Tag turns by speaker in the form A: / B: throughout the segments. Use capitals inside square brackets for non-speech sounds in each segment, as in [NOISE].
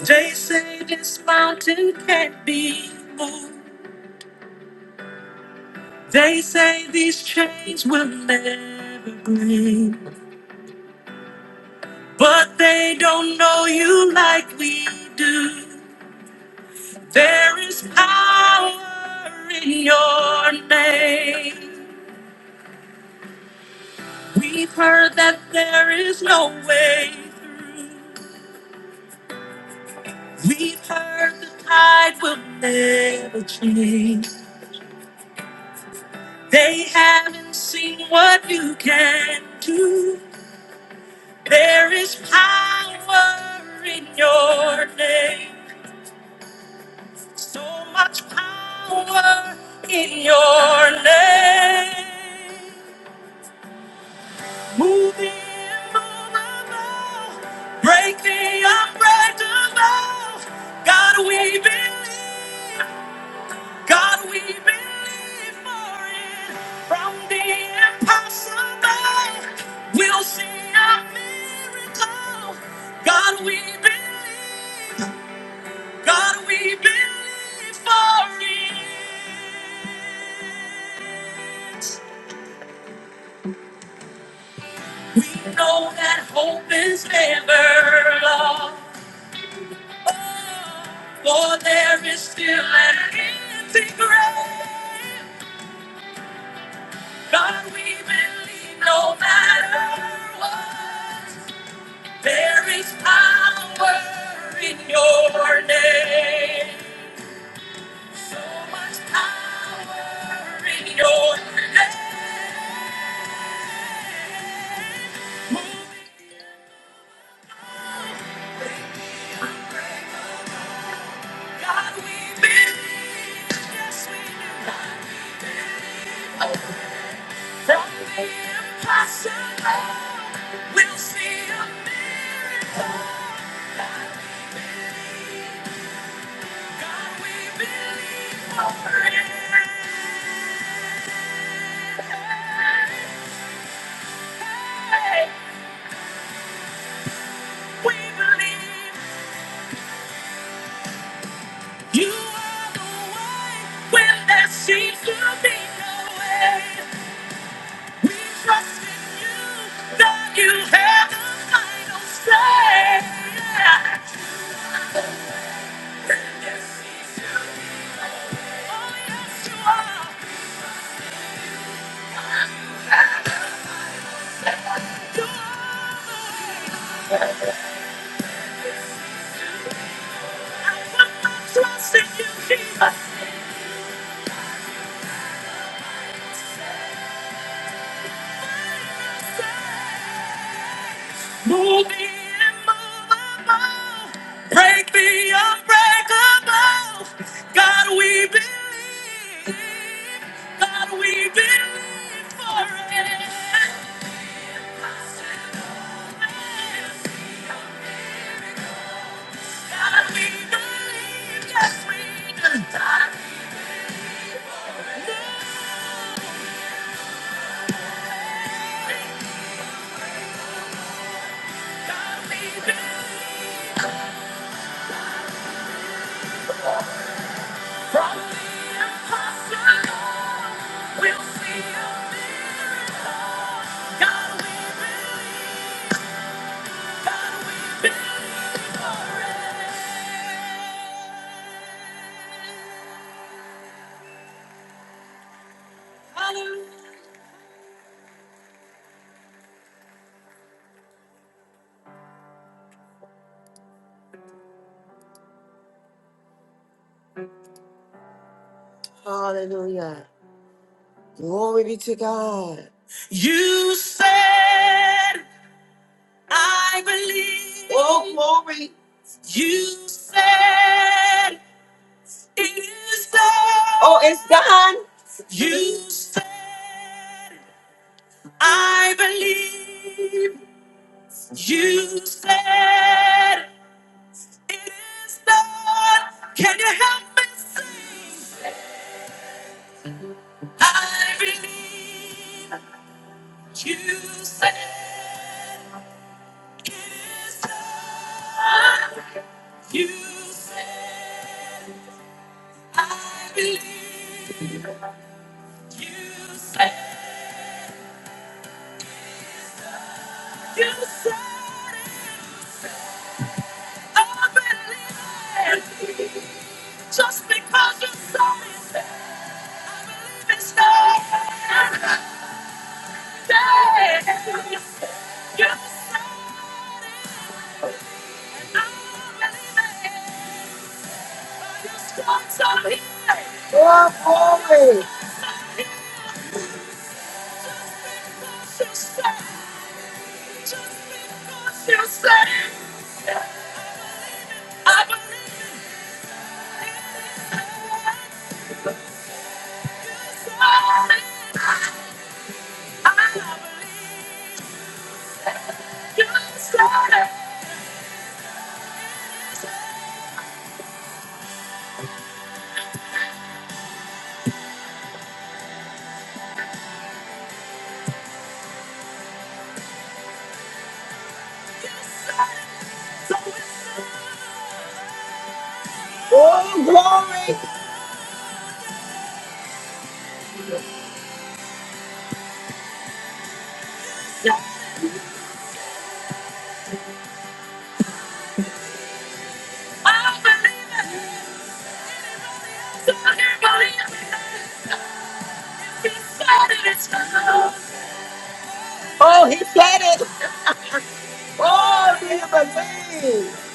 A: They say this mountain can't be moved. They say these chains will never break. But they don't know you like we do. There is power in your name. We've heard that there is no way through. We've heard the tide will never change. They haven't seen what you can do. There is power in your name. So much power in your name. Move the immovable. Break the unbreakable. God, we believe. God, we believe for it. From the impossible, we'll see a miracle. God, we believe. God, we believe for it. We know that hope is never lost. Oh, For there is still an empty grave. God, we believe no matter what. There is power in your name. So much power in your name. We'll see a miracle. God, We believe. God, we believe for it. We believe You are the way when there seems to be no way. We trust in you that you have the final say. When there seems to be no way. Oh, yes, you are. You are the way. I put my trust in you, Jesus. Move me immovable. Break me unbreakable. God, we believe. God, we believe for it. God, we believe. Yes, we do. God, we believe. Hallelujah. Glory be to God. You said, I believe. Oh, glory. You said, it is done. Oh, it's done. You said. I believe you said it is done. Can you help me sing? I believe you said it is done. You said, I believe you said, you said, it. I believe. it. Just because you said it. Oh, glory. Oh, glory. Oh, he said it. Oh, do you believe?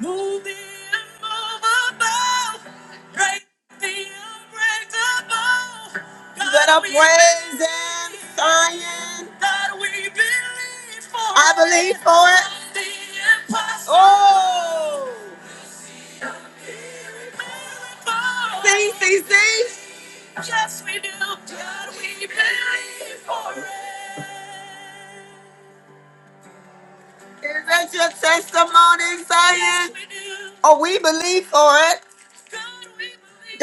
A: Move the immovable. Break the unbreakable. You better praise him, Zion. That we believe for. I believe for it. The impossible. Oh. See, see, see. Yes, we do. God, we believe for it. Is that your testimony, Zion? Yes, we do. Oh, we believe for it. God, we believe.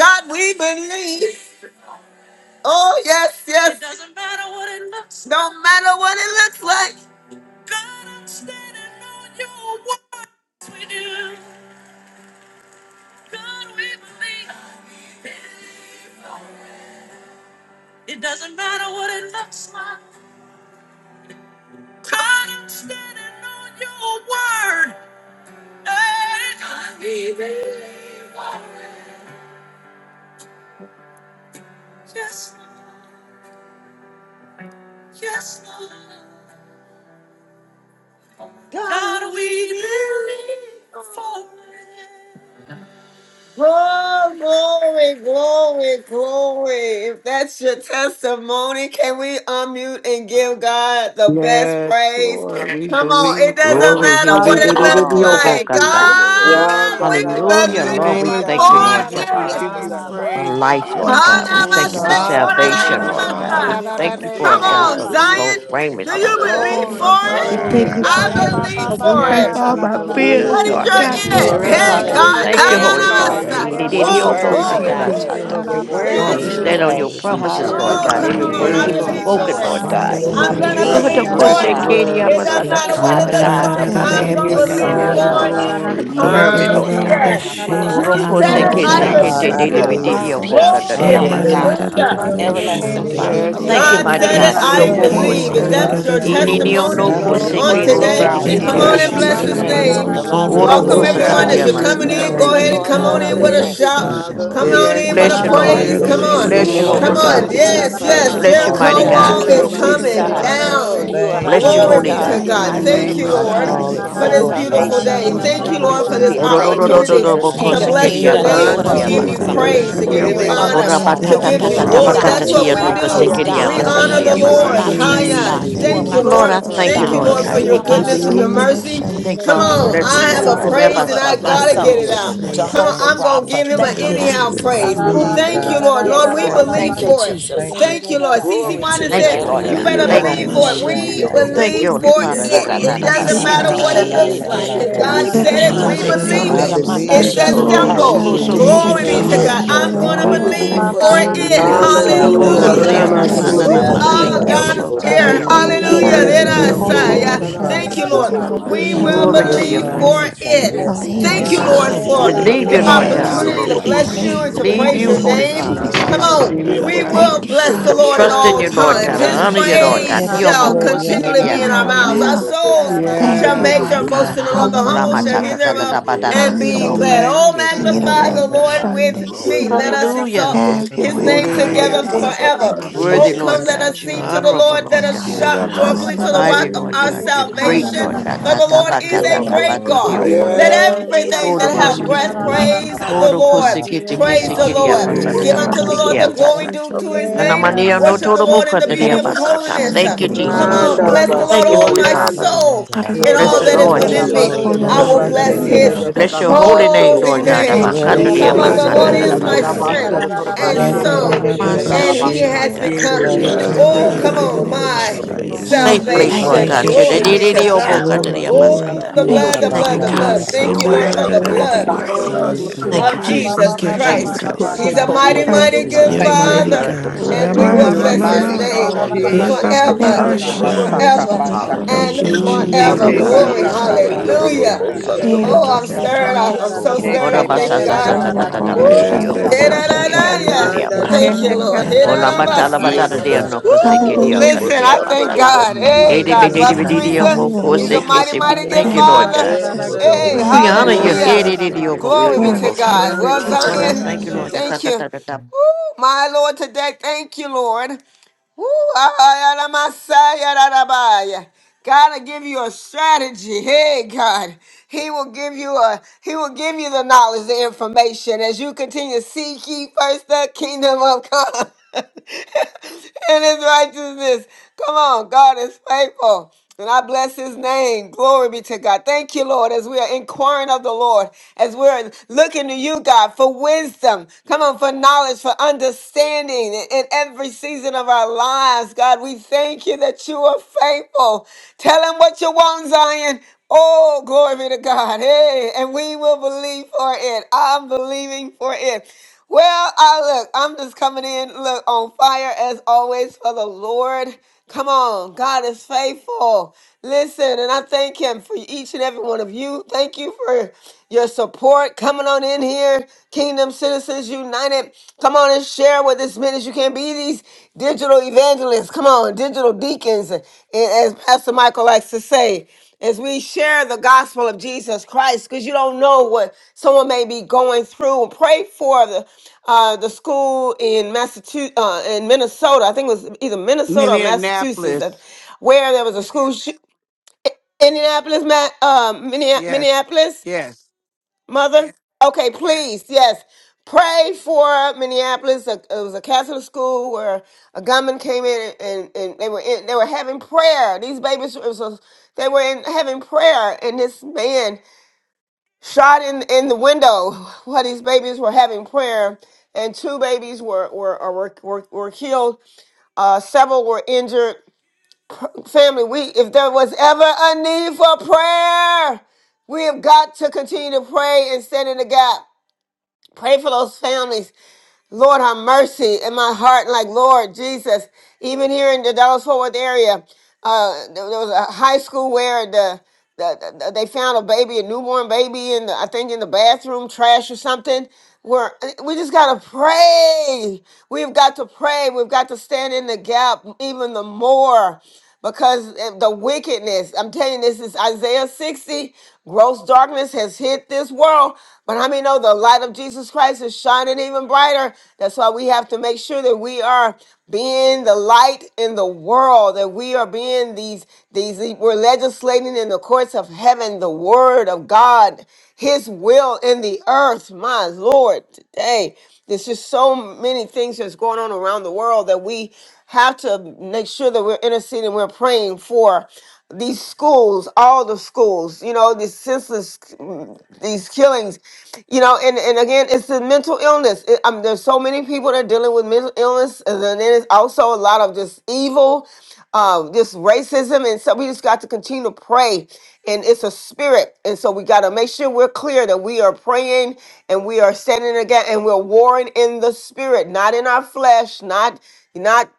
A: Oh, yes, yes. It doesn't matter what it looks like. Don't matter what it looks like. God, I'm standing on your word. Yes, we do. God, we believe. It doesn't matter what it looks like. God, I'm standing on your word. And I believe I will. Yes, Lord. Yes, Lord. God, we believe for it. Glory, glory, glory, glory. If that's your testimony, can we unmute and give God the best
B: Yes,
A: praise?
B: Lord, we
A: Come on, it
B: believe,
A: doesn't
C: Glory.
B: Lord.
C: He
A: matter
C: did
A: what it
C: it in
A: looks
C: the
B: We
C: old
D: Hallelujah.
A: like.
B: thank you
C: God.
B: for
E: Hallelujah.
C: God.
B: your word.
A: God,
D: Glory,
A: we
D: glory.
B: In
C: Hallelujah,
B: the
D: Haya
C: Lord.
B: name
C: We
F: Yandarabasan,
D: ba
A: believe
B: of
D: ba
C: thank you,
D: ba
G: Hallelujah.
D: da
C: Lord
A: for
D: da
C: God,
B: Jesus,
F: Darabosan,
B: we
D: da
E: I
A: this.
D: da
B: give
D: da
B: you
D: da
G: Hallelujah.
D: ba.
E: believe
F: Yandarabas.
C: for
B: praise,
E: for
C: life,
E: it.
C: Lord
B: Father.
C: God. We
B: Oh,
C: thank
E: Hallelujah.
C: you
B: da
C: for
G: Devotion.
B: ba
E: Thank
B: sa
D: Ha
C: salvation,
D: da
B: ta
E: you,
B: da
C: Lord
D: da
G: Devotion.
B: da
G: Devotion.
F: Arrobosan,
C: God.
D: ka
B: ba
E: Jesus.
C: We
D: da da da
B: sa.
C: thank you
D: da
F: Derabase,
C: for
D: da
B: Oh,
A: Come
G: Adoration.
D: da
B: da
C: God
D: da
B: ba
A: on,
C: for
G: Devotion.
D: ba.
A: Zion.
C: Lord
B: yes,
E: Hallelujah.
B: it
F: Keramasi.
B: can
A: Do
C: Raymond,
B: ta
A: you
C: Father
B: ba
C: God.
A: believe
D: Glory,
G: Devotion.
A: for
G: Devotion.
B: yes,
A: it?
C: We
E: Shandalamasataya.
D: glory.
C: thank
F: Hey,
C: you
B: God.
C: for
G: Devotion.
D: Haya
A: I
D: ba
A: believe
D: ba
C: of
D: ba
C: the
A: for
G: Devotion.
D: ba
C: faith
F: Yandarabasan,
D: da
A: it.
B: Yes,
A: [LAUGHS]
D: da
C: of
D: da
B: we
D: da
C: my
D: da
F: Darabas.
D: da
B: believe
C: being,
D: ba.
A: What
E: Oh,
A: is
G: Devotion.
B: for
C: Lord
A: your
B: it,
C: God,
G: Devotion.
E: thank
D: Shia.
E: you,
A: it?
B: Lord.
C: being
E: Father
H: Glory,
C: made,
A: Hey,
C: Lord
E: God.
D: I
C: God.
A: God. [LAUGHS]
H: hallelujah.
C: Thank you,
F: Randabosor,
D: believe,
H: Thank
B: Oh,
C: Holy
H: you,
B: de de
D: Lord.
H: Lord
C: Father.
B: de
A: Ha-na-na-masa.
D: Haya
C: Lord,
B: ba
F: Yandarabas.
H: Jesus.
D: ba
H: You're
A: Oh,
D: ba
E: Wola
B: sa
D: ba
B: ka
D: ba
H: worthy,
B: ta
D: da
A: glory,
D: da
B: da
H: God.
E: Bosiki
D: da
B: da
A: glory.
D: da
F: I
B: ba
D: da
H: You're
D: da
B: sa
E: Yelabo
F: believe
D: ba.
F: your
B: ta.
H: worthy
A: Yes.
C: we
H: to be
C: stand
F: word,
I: Ekala
C: on your
F: Father.
H: praised.
I: shisa
E: Shandelabosata.
B: God,
C: promises,
B: we
C: Lord
A: Oh,
H: Hallelujah.
C: God,
A: come
C: every
B: believe,
A: on.
H: Thank
E: Yelabosata.
I: tatararere
A: I
C: word
H: you,
D: He
C: you've
D: da da
H: Lord
A: believe
I: shisa
D: da
B: yes.
C: spoken,
A: for
D: da
A: it.
D: ba
C: Lord
H: Jesus.
D: da da
C: God.
I: kalate.
D: da
H: I
A: I'm
B: We
D: ke
A: going to
D: da
H: believe
E: Yelabosata.
C: Lord,
D: da
H: you,
I: Hoku
A: believe
B: trust
C: of
D: da
B: you
J: Shandararayosaya.
D: da da
H: Lord
C: course,
B: at
D: da
A: for
C: say,
B: your
A: it.
H: God.
D: ba.
I: kukala
G: Devotion.
C: Katie, I'm
A: It
B: word.
C: a
D: Shia
I: shisa
D: da
A: doesn't
C: son,
H: Thank
C: that's
H: you,
D: da
A: matter
C: a-
D: da
A: what
D: da
C: that's
A: it
H: Father
C: a-
D: da
C: that's a-
D: da.
A: looks
F: Yandarabasandarabash.
C: that's
H: God,
C: a-
A: like.
H: in
C: my
H: the
G: Have
A: I'm
I: tatatararere.
B: We
H: name
C: bad,
G: your
H: of
A: going
C: Lord
A: to
B: give
G: way,
C: God,
B: you
C: I
G: God.
A: believe
H: Jesus.
B: all
D: Ha
I: Yes,
B: the
C: stand
D: da
J: Ekandararararayosaya.
D: da
A: for
G: Have
I: Lord,
C: on
D: da da
G: your
E: Yelabosata.
I: I
D: da da da
G: way,
A: it.
B: glory.
H: Holy
I: believe
G: God.
H: is
C: firmly,
I: you,
D: ke
H: your
F: I'm
D: da
G: Have
I: Lord.
C: Lord
F: going
G: your
I: I
H: name,
C: God.
G: way,
F: to
A: Hallelujah.
G: God.
I: thank
H: God.
I: you,
F: believe
D: da da da
F: your
J: Ebabababashe
I: Lord.
D: da
H: Wonderful
D: ba.
A: You
F: word,
A: said
C: Orokose
H: counsel,
K: Yes,
F: Father.
I: No
A: it.
B: All
D: Shia
H: is your
D: da
A: I
B: the
C: kese
D: da
K: Lord
H: name.
I: matter,
D: da
K: God,
B: honor,
C: kete
I: no
D: ba.
G: Devotion.
K: I
A: believe
J: kandarararayosaya.
A: it.
I: matter,
H: Prince
K: believe.
I: will
H: of peace
I: matter,
H: is your
K: I
I: Father.
A: Glory.
B: Lord.
G: Devotion.
H: name,
K: believe
I: Isa
H: God.
C: Orokosekeseketededebididiobokadadiamasata.
A: Hallelujah.
F: Arobosandarabashitaramas.
I: tatararere
K: you
H: Everlasting
G: Goro
K: said
J: Enararararayoshande.
I: shisa
H: Father
K: that
H: is
B: Yes,
H: your
G: Shande
C: Thank you,
H: name,
A: God
I: kalate.
B: God,
C: mighty
H: God.
A: said
G: Surada
B: you
A: it,
B: have
C: God.
D: Abashededededededaba.
A: I
K: the
I: Yes,
J: Eseke
G: Shandere
B: everything
A: believe.
I: Lord.
A: Is
C: Diomokose.
B: to
K: household
G: Goro
A: that
K: would be
B: us,
A: your
B: Lord
G: Shande
E: Yelabosata.
K: saved,
B: God.
K: and
F: Ekaroboshandaramasi.
I: You
A: testimony
K: I
H: You're
J: nararararayosaya.
I: said
K: believe
I: it.
K: it,
A: on
D: Glory,
G: Ye
K: Lord
B: Oh
H: worthy,
K: God.
G: Goro
A: today?
B: God,
H: God.
K: I'm
D: glory.
B: we
H: You're
J: Thank
A: Come
J: you,
I: Mm,
G: Shande
D: Haya
A: on
K: standing
B: bless
F: Thank
H: worthy
A: and
K: on
F: you,
H: to
K: your
G: Si
A: bless
D: baba
B: your
H: be
A: his
J: Jesus.
D: baba
C: Ininionokosekesekedidididiyasakadade.
D: ba
K: word.
F: Jesus.
H: praised
D: la
G: Iroda
H: from
A: name.
J: Glory,
D: la
H: the
B: name.
D: la
I: mm,
D: la la
J: glory,
K: Your
H: rising of
G: Shandere
D: ba
H: the
A: Welcome
F: Oh,
K: word
J: glory,
H: sun,
K: does
D: ya
A: everyone.
F: thank
H: God,
G: Goro
A: As
D: la
K: not
B: Without
F: you,
A: you're
B: you,
D: la.
J: glory.
B: we'll
I: mm.
A: coming
I: We
C: Orokosekadadiamasata.
A: in,
G: Shande
F: Jesus.
B: never
K: return
H: to
A: go
H: the
I: thank
K: to
A: ahead and
I: you,
K: you
B: make
H: going
B: it,
A: come
I: Lord.
H: down
A: on
K: void,
H: of
A: in
C: Mm.
K: but
H: the
B: Lord.
A: with
K: it
A: a
F: Thank
H: same.
F: you,
G: Goro
A: shout.
J: Ekandararayosaya.
K: accomplishes
F: Father.
I: Ekala
A: Come
G: Shande
B: We
K: everything
A: on in
B: ask,
G: Si
I: shisa
A: with a
C: Bless
B: Holy
D: Kala
C: you,
G: I
D: la
C: Lord.
D: ba
G: Goro
A: praise.
B: Spirit,
K: that
A: Come
I: kalate.
K: it
B: that you
K: was
F: Thank
A: on.
D: shekete
F: you,
K: sent
G: Shande
C: Bless
D: de
H: The
C: you,
B: move
F: Lord
K: out
H: Lord
D: kala
C: Holy
A: Come
H: is
D: la
B: for
D: la
F: Jesus.
A: on.
D: la
C: Father.
B: us
H: worthy
D: la
H: to
I: Kalate,
H: be
G: Goro
D: la
A: Yes,
K: for.
D: la
H: praised.
D: ba.
A: yes.
H: You're
J: Enararararayoshandararayosaya.
G: Shande
C: Bless you,
K: I
G: Si
H: holy,
C: mighty
A: Jericho
B: and
K: thank
H: God.
C: God.
H: You're
G: Iroda
K: you.
A: wall
J: Thank
B: have
J: you,
A: is
B: your
I: Kalashi
B: way,
H: righteous,
F: Yandarabasori,
A: coming
G: Shandere
H: God.
D: Ere
B: Lord
G: Goro
J: Jesus.
D: de
B: God.
A: down.
I: Sakalate.
D: de
H: You
F: yandarabash.
H: are
G: Shande
K: Thank
D: kala
H: my
K: you,
C: Bless
D: la
C: you,
D: la
J: Thank you,
A: Glory
H: peace,
D: la
I: We
C: Holy
A: be
K: Lord
A: to
H: God.
C: God.
K: God.
J: Lord.
I: thank
G: I
H: You're
I: you,
D: kasha.
B: In
A: God.
H: my
B: the
I: Lord.
A: Thank
G: Sindoro
B: name
A: you,
B: of
H: deliverer,
K: I
A: Lord,
H: God.
K: call
G: Shandero
F: Mm.
H: You
I: Hallelujah.
K: it
J: Thank
H: are
J: you,
D: Kala
A: for
H: my
B: Jesus,
J: Lord.
D: la
A: this
G: Goro
D: la
K: forth
D: la
K: right
A: beautiful
G: Shande
D: la
I: Mm.
H: salvation.
D: la
K: now
D: la
A: day.
K: in
B: we'll
D: la la la
K: the
A: Thank
B: stick
A: you,
K: name
G: Iroda
D: la
K: of
A: Lord,
B: it
D: ba
A: for
B: to
D: la
A: this
K: Jesus.
H: Hallelujah.
C: kete
D: la
B: my
G: Shande
D: la
I: Ah,
G: Si
H: Thank you,
B: ears.
G: Iroda
D: kala la
A: opportunity
D: ba
H: Jesus.
K: I
J: And
A: to
H: King
J: that
D: shere
H: of
K: call
G: Shande
D: la
J: other
K: it
A: bless
C: kete
H: kings
C: ya
A: your
D: ba.
H: and
J: little
H: the
K: forth.
A: name,
H: Lord
A: to
H: of
J: son,
C: ya
J: that
G: Si
A: give
E: Hallelujah.
J: other
A: you
H: lords.
G: Goro
F: Yandarabasori,
C: ya
J: little
K: Karen,
A: praise, to
K: you
B: Have
A: give
B: your
J: hole.
G: Shande
K: come
A: you
H: Ribby
B: way,
G: Si
D: Ere
F: yandarabash.
B: Lord.
H: Baba
K: forward
A: honor,
C: Ora ba
K: in
C: ba
D: kala
H: Shah,
K: the
D: la
C: ta
A: to
H: you're
D: la
J: Thank
C: ta
G: Iroda
K: name
J: you,
A: give
C: ta
K: of
A: you
D: kere de
C: ta ta ti
B: God,
H: holy
B: I
A: glory.
K: Jesus.
G: Shande
D: de
I: oh,
B: bow
D: de
A: That's
H: God,
D: la
H: you're
A: what
J: Jesus.
D: la
B: to
A: we
I: Isa
K: You
D: la ba
A: do.
K: come,
H: righteous
D: sa.
K: you
I: Kalate
B: you.
A: We
G: Pokoro
H: God.
J: And
K: step
J: that
K: out.
A: honor
J: other
A: the
F: Yandarabasori,
G: shande
H: You
C: Orododododobokosekediabasadadiamasata.
H: are
J: little
A: Lord.
B: In
H: my
C: Orabatatatatatatabakatatianokosekediabasadadiamasande.
B: the
F: yandarab-
I: Totarisi.
K: and
G: siroro
H: peace,
B: name of
A: Hiya.
H: God.
G: shande
J: chandelier.
H: You are
A: Thank
K: believe.
G: re
H: my
A: you,
I: Mm,
K: You,
B: Jesus.
K: s-
C: Lord,
A: Lord.
C: I
G: koro
H: deliverer,
D: Ere
C: thank
K: you
I: Kalashi
C: you,
A: Thank
H: God.
A: you,
D: de
G: shande
C: Lord
K: believe.
D: de
A: Lord, for
C: God.
D: de
G: si
H: You
D: de
A: your
C: In
H: are
D: la
H: my
K: You
I: Sakalate
C: case
D: la la
C: they
A: goodness and
D: la la
H: strong
A: your
C: did
D: ba.
K: believe.
C: it.
G: isindoro
H: tower.
A: mercy.
I: Tadarisi.
G: shande
C: Thank you
D: Ere
H: In
C: for
A: Come
C: all
G: si
C: the
H: the
D: kala
H: name
A: on.
D: la
H: of
G: koro
C: blessings,
A: I
D: la la
A: have
C: Lord
D: ba.
A: a
H: Jesus,
C: God.
G: shande.
C: There my
A: praise
H: lover
A: and I
H: of
C: son, that of
A: got
J: Thank
A: to
J: you,
A: get
I: Ikalakalate,
A: it
H: myself,
C: Benicio
G: Bless your
A: out.
F: yandarabasandarabash.
G: name,
C: Mokote.
K: Praise
J: Jesus.
A: Come on,
K: God
H: Jehovah
I: Ikalashi.
A: I'm
G: Jesus.
A: going to
K: for
H: Rapha.
A: give
G: Bless
K: it.
G: your
A: him an
G: name,
J: And
H: Thank
J: that
H: you,
J: other
A: anyhow
G: God.
I: Ikalashi
K: I
H: Jesus.
J: little-
A: praise.
D: Glory,
K: believe
B: Um,
A: Thank you,
F: Mm.
K: God
G: Bless
A: Lord.
I: Satadarisi
K: for it.
A: Lord,
H: Yes,
A: we
H: Lord.
K: Thank you,
G: you,
A: believe
H: Thank
I: Sakalate.
H: you,
A: for
G: Koro
K: Jesus.
A: it.
H: Jesus.
F: Thank
K: Thank
F: you,
K: you,
A: Thank you,
F: Father.
A: Lord.
K: Jesus.
A: CC
K: Thank
H: Glory to
K: you.
A: Wanda
H: your
G: shande.
C: Thank you,
A: said,
C: Lord
A: You
B: have
C: God.
A: better
B: your way,
C: Thank
K: Ah,
C: you.
A: believe for
B: Lord.
K: yeah,
A: it.
K: yeah,
G: Revelation
A: We
G: is
F: Thank
K: yeah,
F: you,
I: Ikalatarisi.
K: yeah.
G: in
C: Thank you,
A: believe
C: Holy
A: for
G: the
F: Jesus.
I: Yes,
C: Father.
G: Lord
C: Da,
A: it.
C: da,
I: Lord.
C: da,
J: and
A: It
C: da,
G: shande
J: my
C: ba,
G: si
I: We
A: doesn't
J: Baba
C: ba,
I: look
C: ba,
A: matter
G: koro
C: ba,
I: like.
K: Ah,
A: what
J: Rush.
C: ba,
A: it
C: ba,
K: la,
C: ba, ba,
H: name.
A: looks
G: shande.
C: ba,
K: la,
C: ba,
A: like.
K: la,
B: Have
A: If
C: ba,
K: la,
B: your
K: la.
C: ba,
A: God
C: yo,
A: said it,
J: And
B: respect
G: Siroro
C: por
J: that
A: we
C: si
I: Ikalashi
J: other
C: que
A: believe
G: shande
K: I
C: te-
A: it.
J: little
G: si
I: sakalate
A: It's
K: believe,
J: side.
K: I
A: that
C: Oh,
G: isindoro
K: believe,
I: kalate.
C: no,
K: we
A: simple.
G: shande
C: coso,
K: believe
J: Thank
G: yero
J: you,
C: coso,
A: Glory be
K: for
A: to
C: coso,
K: it,
A: God.
I: Ikalashi
C: coso.
J: Jesus.
G: shande
K: Lord
A: I'm
G: re
A: going to
K: God.
J: Glory,
A: believe
B: Um,
I: sakalate.
J: glory,
A: for
J: glory.
A: it.
K: Believe
C: Oh,
K: for
C: todo no boca
F: Hallelujah.
B: Lord
C: no
K: salvation.
J: Glory,
C: dia
I: Hokokolashi
A: Hallelujah.
B: God,
K: I
J: glory,
B: is
A: Woo!
C: masana
F: Ramasori,
C: na
K: believe for
B: this
G: Roshandesi,
J: glory,
A: Oh,
B: Have
F: yandarabas.
K: healing.
C: masikio lo
A: God
I: satadadididisi
J: glory,
A: is
C: boca
K: I
C: no
G: Roshandere,
A: here.
C: dia
K: believe
I: sakalate.
K: for
A: Hallelujah.
C: masata.
J: glory.
A: Let
G: Koroshandere,
B: your
K: everything
A: us,
K: that
B: way,
F: Yandarabosori,
A: uh,
K: you
A: yeah.
I: Tatadadididisi.
B: Lord.
J: Hallelujah.
A: Thank
K: promised,
A: you,
K: Lord.
A: Lord.
F: yandaramasata.
G: Koroshandesi,
A: We
J: And
B: In
I: Ikalashi
J: that
B: the
A: will
G: Roshand.
J: other
C: Glory
J: little
K: Your
C: to
B: mighty
C: you,
A: believe for
B: name
I: sakalate.
C: Father.
B: of
J: side.
K: promises are
G: We
A: it.
F: Thank
B: Jesus.
K: yes
F: you,
K: and
G: believe
A: Thank
G: you,
J: Thank
A: you,
J: you,
I: Yes,
K: amen.
F: Father.
A: Lord,
G: God.
I: Lord.
J: Lord.
C: Mm, I
A: for
J: Thank you,
C: believe
A: the
C: you, Lord
J: Lord.
B: God,
K: Thank
I: Isakalate.
C: God.
K: you,
G: Yes,
B: on
A: opportunity
K: Lord
A: to
B: every
G: we
K: Jesus.
A: bless you
G: believe
A: and to
G: for
B: strong,
G: it in
C: Leave
G: the
A: praise
C: you,
A: your
G: name
I: Tatadadidididisi
C: Holy
G: of
A: name.
C: Father.
H: [LAUGHS]
A: Come
B: every
K: Yarabaka,
G: Jesus.
A: on.
I: sakalate.
J: And that
F: Yandarabos.
B: demon
A: We
J: other
C: Labasabadabakasa.
B: power.
G: Thank
J: little
A: will
G: you,
I: Yes,
A: bless the
C: I
J: shade.
I: Lord.
G: Father
A: Lord at
G: God.
C: trust
I: Yes,
C: in
A: all
C: you,
I: Lord.
C: Lord
B: Who
A: times.
C: God.
J: Thank
D: glory,
J: you,
A: His
C: I
G: And
C: honor
B: shut
G: His
C: you,
I: Isakalate.
J: Jesus.
C: Lord
G: praise
D: glory.
B: out
I: Your
C: God.
A: praise
B: and
G: shall
B: be
C: Dio
K: yarabaka,
A: shall
G: continue
I: praises.
G: to
C: mokose
G: be
B: pleased.
A: continually
G: in
C: kiria
A: be
K: yarabaka,
A: in our
G: our
C: kanadia
F: Mm,
A: mouths. Our
I: Ikalashi
G: mouth.
C: matata.
A: souls
I: sakalate.
G: Thank
A: shall
G: you,
A: make
B: Yes.
G: Lord
A: their boast
G: God.
A: in the Lord. The
I: Didididisi
K: andarabaka,
C: Ola
A: humble shall hear
G: Hallelujah.
C: matata tata
I: sakalate.
A: thereof
C: tabadada
E: Yeah,
A: and
C: badio
A: be
B: No
I: Tatadadidisi.
A: glad.
G: Hallelujah.
C: mokose
A: Oh,
K: andarabaka,
C: kese
B: magnify,
F: thank
I: We
F: you.
A: magnify
C: kende.
B: yes,
A: the
G: Beautiful
K: andarabaka,
A: Lord
B: God.
I: magnify
A: with
I: you,
G: Sunday
K: yarabaka,
C: Ooh,
I: Lord.
A: me.
G: Roshande,
A: Let us
E: Yerobo's
K: yarabaka, yarabaka,
C: Hallelujah.
A: exalt
K: andarabaka, yarabaka, yarabaka,
G: Have your
A: his
G: way,
A: name
E: Yerobo's
B: Glory
G: God,
K: yarabaka,
B: to the
A: together
G: today.
E: Yerobo's
B: Basha,
A: forever.
G: Thank
B: the
G: you,
E: attire,
D: Ha
I: Nikamashishakamatsu.
C: Worthy,
A: Oh,
G: Jesus.
A: come,
C: Lord
E: Yerobo's
A: let
B: Masuta,
C: God.
B: the
A: us
C: You're
A: sing to
B: Mara.
A: the
C: honorable,
G: Thank
A: Lord.
G: you,
A: Let
C: Lord God.
A: us
G: Lord
I: Yes,
B: Ora
G: God.
A: shout
I: Lord, I
E: Yerobo's
A: joyfully
B: Basa,
A: to the
G: Hallelujah.
I: trust
C: Mighty,
E: attire,
A: rock of
I: in
C: Lord
A: our
C: God.
I: you.
C: You're
E: Yerobo's
C: great,
A: salvation.
I: Mm,
C: Lord
G: Hallelujah.
C: God.
A: For
B: Yiribusi.
A: the
C: Tata
A: Lord
K: yarabaka,
A: is a
C: bakata
K: yarabaka,
G: Thank you,
E: Yerobo's Yerobo's
A: great
G: God.
I: mm.
E: attire,
A: God.
C: tabadidio
A: Let
C: kota.
G: Thank you,
F: Yes.
G: Jesus.
A: everything that
C: Kodo
B: Ayarabusi,
E: Yerobo's
A: have
C: kosiki.
A: breath
I: Everything,
G: Thank you,
B: Yiribusi.
I: Lord.
A: praise
G: God.
A: the
C: Kodo
I: Help
G: Glory
I: us.
A: Lord.
G: to
C: kosikete
G: God.
J: Thank you,
A: Praise
C: kese
A: the
D: Hallelujah,
C: kiria
A: Lord.
F: Hallelujah.
I: Hallelujah.
C: pasata
A: Give
J: Jesus.
E: Yerobo's
A: unto the
G: Glory to
A: Lord
J: Glory.
G: you,
C: tabasikia
A: the
I: Mm,
E: Yerobo's
A: glory
C: sata.
G: Jesus.
A: due to his name.
C: Anamania no
I: mm,
A: Worship the
G: Yes,
C: total
A: Lord in the
C: bokata
A: beauty
C: dia
A: of
G: God.
B: Ayarabusi,
C: pasata.
A: holiness.
C: Thank
G: Eroroshande,
C: you,
K: yarabaka,
A: Come
C: Jesus.
A: on,
I: mm.
A: bless
G: Nikoroshande,
A: the
E: Yerobo's
A: Lord,
E: Yerobo's.
C: Thank you,
A: oh
C: Holy
F: Randarabasori
A: my
I: Hallelujah.
C: Father.
A: soul,
F: andarabashe.
K: yarabaka.
A: and
L: Yere
C: Bless
L: de
A: all
C: the
L: de
A: that
L: de
I: Hallelujah.
A: is
G: Aroroshande,
C: Lord,
L: de
K: Glory,
A: within
E: Hallelujah!
A: me.
C: Jesus.
I: Hallelujah.
E: Thank
K: glory,
E: you,
L: başları
A: I
J: And
K: glory
J: da
A: will
G: Stikoroshande,
E: God.
K: to
J: da
K: your
J: da
I: Hallelujah.
L: kurraş
J: da
F: Eke
A: bless
K: name,
L: yete
K: O
D: hallelujah.
L: de
A: his
L: de de
K: God.
J: yosha.
C: Bless your
L: de
G: Iroroshande.
F: andarabase.
I: Your
C: holy
L: başları
C: name,
I: holy
A: holy
C: Lord
L: kurraş.
I: name,
E: Shandalomos
C: God.
J: Thank you,
A: name.
I: Father.
G: Thank you,
K: Glory,
I: Hey,
G: God.
C: Abakandori
A: Come
L: Yere
K: glory,
A: on,
L: de
J: Jesus.
A: the
E: Yerobo's
B: Yes,
L: de
G: God.
L: de
C: amasata
A: Lord
B: I
K: glory
I: Santana.
L: de
G: Yes,
K: to
A: is
B: did
K: your
A: my
J: Glory.
B: it.
E: Yerobo's
G: God.
L: de
C: tadabakate.
K: name.
A: strength
E: attire.
L: başları
B: You
I: Chisakalate.
A: and
B: see.
L: kurraş
J: Eh,
I: Toto.
K: Bless
J: ba,
L: yete
J: ba,
K: your
L: de
A: song,
I: Tata.
L: de
J: ba,
L: de
G: Iroroshande,
C: My
J: ba,
L: de
K: name,
J: ba,
K: O
F: Ey
A: and
L: de.
I: Didi.
A: he
K: God.
C: salvation,
J: she.
C: Lord
A: has
C: God. Whom
A: become,
F: andarabasori
C: should
G: Iroroshande.
J: Eh,
K: Bless
C: I
K: your
E: Yerobo's
C: fear,
B: Yes,
J: kan, da,
C: Lord?
A: oh,
J: da,
K: holy
C: You're
J: da,
B: God,
A: come
C: my
F: andarabase.
J: da,
B: it
I: Nikamashisa.
J: da,
K: name,
A: on,
E: Yerobo's
J: da,
B: goes
I: Tata.
B: to
A: my
J: yosha,
B: the Lord.
I: Didi.
J: yeah.
E: Shandalomos
K: O
C: safe
G: Oh,
F: Ori
E: attire,
C: place,
G: thank
C: Lord
G: you,
A: salvation.
K: Kandara
J: Thank
C: God.
J: you,
I: Shisakalate.
G: Jesus.
K: Baka.
F: andarabase.
A: Glory
E: Yerobo's
A: be to
C: Chidadididi
J: Jesus.
A: God.
G: Hallelujah.
J: Glory,
C: obokandori
I: Nikola Sisa
J: glory.
A: Oh,
C: amasata.
A: the
E: all
K: Ikiara
A: blood,
G: Thank
E: of
G: you,
I: Kamata,
A: the
E: us
C: Thank
I: your
A: blood,
C: you,
G: Lord
A: the
E: into
K: Bakara
G: God.
E: your
C: Jesus.
J: Glory.
I: blood,
A: blood. Thank
E: little
G: So
J: Kan,
I: your
A: you,
J: da,
F: Ki
J: da,
A: Lord,
E: bush,
J: da,
A: for
G: worthy,
I: blood,
K: Baka.
J: da,
A: the
M: Shakanda
E: under
J: da,
M: la
J: da,
F: andobos
J: da,
G: worthy,
I: Hisa
A: blood
M: saka
G: worthy.
D: Glory,
J: yosha, yeah.
E: the
F: andarabashe.
M: sakunda
I: Tatanisi,
M: la
C: Thank
K: Ikiara
C: you,
A: of
E: moon,
M: taka.
G: Worthy,
A: Jesus
J: Thank
C: Jesus.
J: you,
G: worthy,
C: Thank you,
M: Ko,
A: Christ.
D: glory,
G: worthy.
M: ko,
I: Inkala
J: Jesus.
C: Jesus.
M: ko,
A: He's a
M: ko.
I: Sisa
A: mighty,
M: Yes,
K: Ikiara
C: The
G: Worthy,
A: mighty
M: God.
E: Yerobosi
A: good
K: Bakara
C: blood,
J: You're
E: te
G: worthy,
M: Thank
I: Tatanisi,
C: the
M: you,
J: mighty
G: worthy.
I: Sisa
M: Jesus.
A: Father,
C: blood, the
J: God.
E: Yerobosi
J: Ma,
C: blood,
A: and
B: Oh,
C: the
I: Kamate,
A: we
J: ma,
A: will
C: blood
J: ma,
C: of
B: yes,
G: Worthy,
M: You're a
J: ma,
A: bless
J: ma,
B: He
G: worthy,
A: his
M: mighty
J: ma.
B: is,
C: Jesus.
I: Nikala
M: God.
A: name
G: worthy.
B: Lord.
F: Nandarabasori
E: chanda
M: He
J: Eh,
I: Sisa
B: Thank
J: ba,
B: you.
E: Lobosa
M: shike
J: ba,
K: Baka.
J: ba,
A: forever,
E: ta
F: andarabase.
I: Tatanisi,
J: ba,
M: kanda
C: Wash
M: la
C: my
J: sha.
C: sins,
E: Yerobosi
M: saka
A: forever,
G: Deroroshandere,
C: Lord
D: glory.
C: God.
M: bashaka.
I: Hallelujah,
A: and
J: Thank you,
G: koroshandere,
B: Mm,
K: Kanda
A: forever.
M: Eke
J: Jesus.
I: Hallelujah,
C: Orokasa
A: Glory,
F: Indedelobosori
E: Yerobosi
G: sidoroshandere,
C: kasa kasa
I: Sata
M: bashaka
E: te
C: da da da da
F: andarabase.
C: da
I: Tatanisi,
M: basike
A: hallelujah.
C: da
B: Ikatabababababai,
E: Yerobosa
F: Ike
I: Sisa
E: da
C: kasa.
B: Yes,
D: Ekete
M: bashike
J: Thank
A: Oh,
J: you,
A: I'm
F: andarabose.
E: Lobosa
I: Kamate,
K: Baka.
E: ta
J: Lord.
A: stirred.
M: basata.
A: I-
G: heroroshandere,
A: I'm so
B: Ikatabasitabai.
I: Hoko
E: Yerobosi
A: stirred. I
M: Eke
C: Hola, basa
A: thank
I: Kokola
F: Thank
C: sa
A: God.
C: sa
F: you.
M: bashaka
C: sa
I: Sisa
C: da
G: sidoroshandere,
C: da da
A: Woo!
C: ba di
M: bayeke
C: di
B: Yes,
E: chanda
C: o mo ko
G: koroshandere.
M: basaka
I: Tatanisi,
E: Lobosa
C: se ke
E: ta
M: mashi.
I: Sisa
K: Bakara
C: ria ka
B: Ikatabai,
C: ni
A: Hidadadaya.
B: yes,
C: ria ba
B: it's
I: Kamate,
K: Baka.
C: sa.
E: Yerobosi
A: Thank you,
M: Ko,
B: Ikatai,
F: Nandarabasi
M: ko,
A: Lord.
F: ke
G: Hallelujah.
B: yes,
M: ko,
J: Thank you,
C: Ora
M: ko,
C: ba
I: Akala
C: ta la ba
A: Hidadabasaya.
C: da
M: bashaka
C: da
J: Jesus.
F: andorobosori
I: Sisa
C: di o
K: Kandara.
E: Yerobosi
C: no ko
E: te
M: bayeke
F: andarabase.
C: se ke
A: Woo!
C: ria
M: basaka.
C: ka ni
G: Hallelujah.
I: Tatanisi,
E: Yerobosi
A: Listen,
C: ria
A: I
C: ba
E: chanda
A: thank
C: sa da.
F: Rababa
M: Ooh,
A: God.
E: Lobosa
B: it's Ikatai, yes, Yes,
A: Hey,
C: E di
B: it's
C: be
F: Surianda
B: a
A: God,
C: di
G: Yes,
K: Ikiara
C: di
A: Mother
C: be
M: Ashakanda
C: di
G: God.
C: di
B: Ikatai,
C: o
K: Bakara
A: Teresa,
B: yes,
C: mo
F: Ramashende
B: it's a
C: ko
M: bayeke
K: Baka.
A: He's
C: se
A: a
F: Rabas.
G: Hallelujah.
B: Ikatai,
C: ke
B: yes.
A: mighty,
C: se.
B: uh,
E: Yerobosi
C: We
M: basaka
A: mighty
E: te
B: blah,
A: good
C: thank you,
B: blah,
M: basi.
G: Thank you,
C: Lord
E: Yerobosi
B: Yes,
A: Father.
C: God.
E: chanda
G: Jesus.
K: Kandara.
M: Oko
A: Hey,
F: Venerable
E: Lobosa
C: We
G: Thank you,
I: Nikala
C: honor
M: bayeke
F: Sanda
C: you.
B: Ore
C: hey
I: Sisa
A: hallelujah.
G: Jesus.
C: di di
B: basi
C: di
M: bashaka
F: Rabasha.
C: o
B: ke
C: mo ka
M: basi.
A: Glory
B: chata
C: ni
I: Tatanisi.
A: be
C: ria
B: chata
G: Glory
A: to
C: ba
G: to
C: sa
G: your
C: da.
A: God.
G: name,
B: basi
A: Well,
B: ke
E: Yerobosi
G: Jesus.
M: oko
B: cha.
C: Ora,
A: Zion,
C: thank you,
F: Ramasiana
I: Ika
C: Lord
G: Hallelujah.
C: God. Ta
A: thank
C: ta
A: you.
F: Ramas.
C: ta ta ta.
A: Woo, my Lord, today, thank you, Lord. Woo, ah, ah, ah, my Messiah, da, da, ba, yeah. God will give you a strategy. Hey, God. He will give you a He will give you the knowledge, the information as you continue to seek ye first the kingdom of God [LAUGHS] and his righteousness. Come on, God is faithful. And I bless his name. Glory be to God. Thank you, Lord, as we are inquiring of the Lord, as we're looking to you, God, for wisdom. Come on, for knowledge, for understanding in in every season of our lives. God, we thank you that you are faithful. Tell him what you want, Zion. Oh, glory be to God. Hey, and we will believe for it. I'm believing for it. Well, I look, I'm just coming in, look, on fire as always for the Lord. Come on, God is faithful. Listen, and I thank Him for each and every one of you. Thank you for your support coming on in here. Kingdom Citizens United, come on and share with as many as you can. Be these digital evangelists, come on, digital deacons, and as Pastor Michael likes to say as we share the gospel of Jesus Christ, because you don't know what someone may be going through. Pray for the uh, the school in Massachusetts, uh, in Minnesota. I think it was either Minnesota or Massachusetts, that-
B: Minneapolis.
A: where there was a school shoot. Indianapolis, Ma- uh, Minne-
B: Yes.
A: Minneapolis,
B: Yes.
A: Mother? Okay, please, yes. Pray for Minneapolis. It was a Catholic school where a gunman came in and, and they were in, they were having prayer. These babies it was a, they were in having prayer and this man shot in in the window while these babies were having prayer and two babies were were uh, were, were, were killed. Uh, several were injured. Family, we if there was ever a need for prayer, we have got to continue to pray and stand in the gap. Pray for those families. Lord, have mercy in my heart. Like, Lord Jesus, even here in the Dallas Fort Worth area, uh, there, there was a high school where the, the, the- they found a baby, a newborn baby, in the, I think in the bathroom trash or something. Where we just gotta pray. We've got to pray. We've got to stand in the gap even the more because of the wickedness, I'm telling you, this is Isaiah 60. Gross darkness has hit this world. But how many know the light of Jesus Christ is shining even brighter? That's why we have to make sure that we are being the light in the world, that we are being these, these, we're legislating in the courts of heaven the word of God, his will in the earth. My Lord, today, there's just so many things that's going on around the world that we have to make sure that we're interceding, we're praying for these schools, all the schools, you know, these senseless, mm, these killings, you know, and, and again, it's the mental illness. It, um, there's so many people that are dealing with mental illness, and then there's also a lot of just evil uh, this racism. And so we just got to continue to pray. And it's a spirit. And so we got to make sure we're clear that we are praying and we are standing again and we're warring in the spirit, not in our flesh, not, not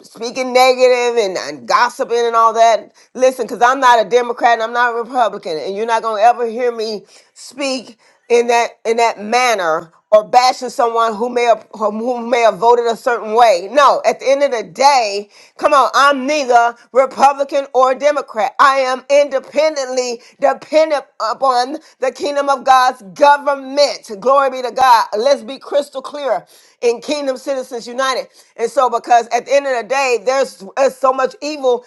A: speaking negative and, and gossiping and all that. Listen, because I'm not a Democrat and I'm not a Republican, and you're not gonna ever hear me speak in that in that manner or bashing someone who may have who may have voted a certain way. No, at the end of the day, come on, I'm neither Republican or Democrat. I am independently dependent upon the kingdom of God's government. Glory be to God. Let's be crystal clear in Kingdom Citizens United. And so, because at the end of the day, there's, there's so much evil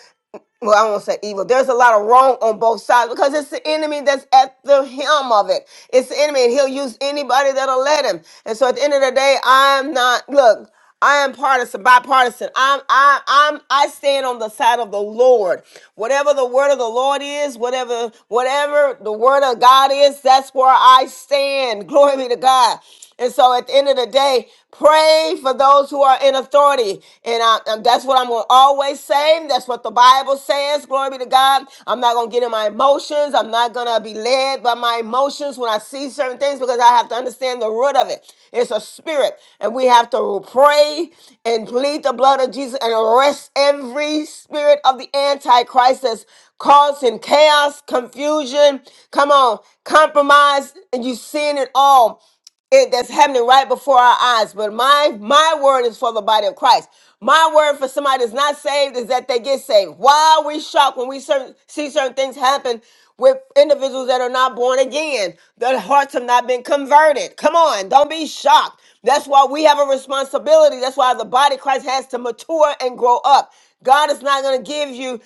A: well, I won't say evil. There's a lot of wrong on both sides because it's the enemy that's at the helm of it. It's the enemy, and he'll use anybody that'll let him. And so, at the end of the day, I'm not. Look, I am partisan, bipartisan. I'm, I, I'm, I stand on the side of the Lord. Whatever the word of the Lord is, whatever, whatever the word of God is, that's where I stand. [LAUGHS] Glory be to God. And so at the end of the day, pray for those who are in authority. And, I, and that's what I'm going to always say. That's what the Bible says. Glory be to God. I'm not going to get in my emotions. I'm not going to be led by my emotions when I see certain things because I have to understand the root of it. It's a spirit. And we have to pray and plead the blood of Jesus and arrest every spirit of the Antichrist that's causing chaos, confusion. Come on, compromise. And you've seen it all it that's happening right before our eyes. But my my word is for the body of Christ. My word for somebody that's not saved is that they get saved. Why are we shocked when we certain, see certain things happen with individuals that are not born again? Their hearts have not been converted. Come on, don't be shocked. That's why we have a responsibility. That's why the body of Christ has to mature and grow up. God is not going to give you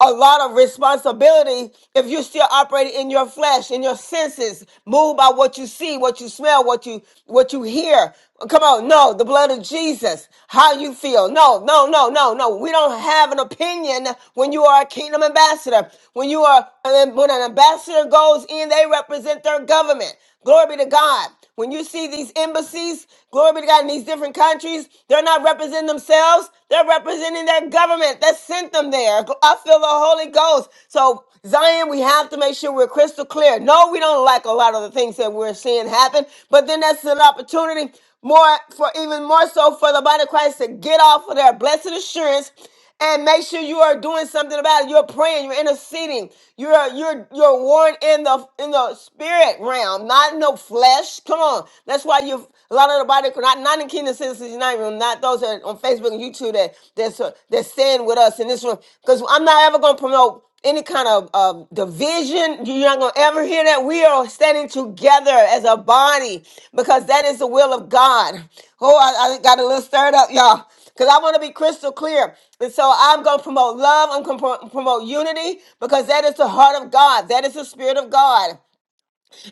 A: a lot of responsibility if you're still operating in your flesh, in your senses, moved by what you see, what you smell, what you what you hear. Come on, no, the blood of Jesus. How you feel? No, no, no, no, no. We don't have an opinion when you are a kingdom ambassador. When you are when an ambassador goes in, they represent their government. Glory be to God. When you see these embassies, glory be to God, in these different countries, they're not representing themselves. They're representing their government that sent them there. I feel the Holy Ghost. So, Zion, we have to make sure we're crystal clear. No, we don't like a lot of the things that we're seeing happen, but then that's an opportunity more for even more so for the body of Christ to get off of their blessed assurance and make sure you are doing something about it. You're praying, you're interceding, you're you're you're warring in the in the spirit realm, not in the flesh. Come on, that's why you a lot of the body not not in Kingdom Citizens United room, not those that are on Facebook and YouTube that that's uh, that's saying with us in this room because I'm not ever gonna promote any kind of um, division. You're not going to ever hear that. We are standing together as a body because that is the will of God. Oh, I, I got a little stirred up, y'all, because I want to be crystal clear. And so I'm going to promote love. I'm going to promote unity because that is the heart of God. That is the spirit of God.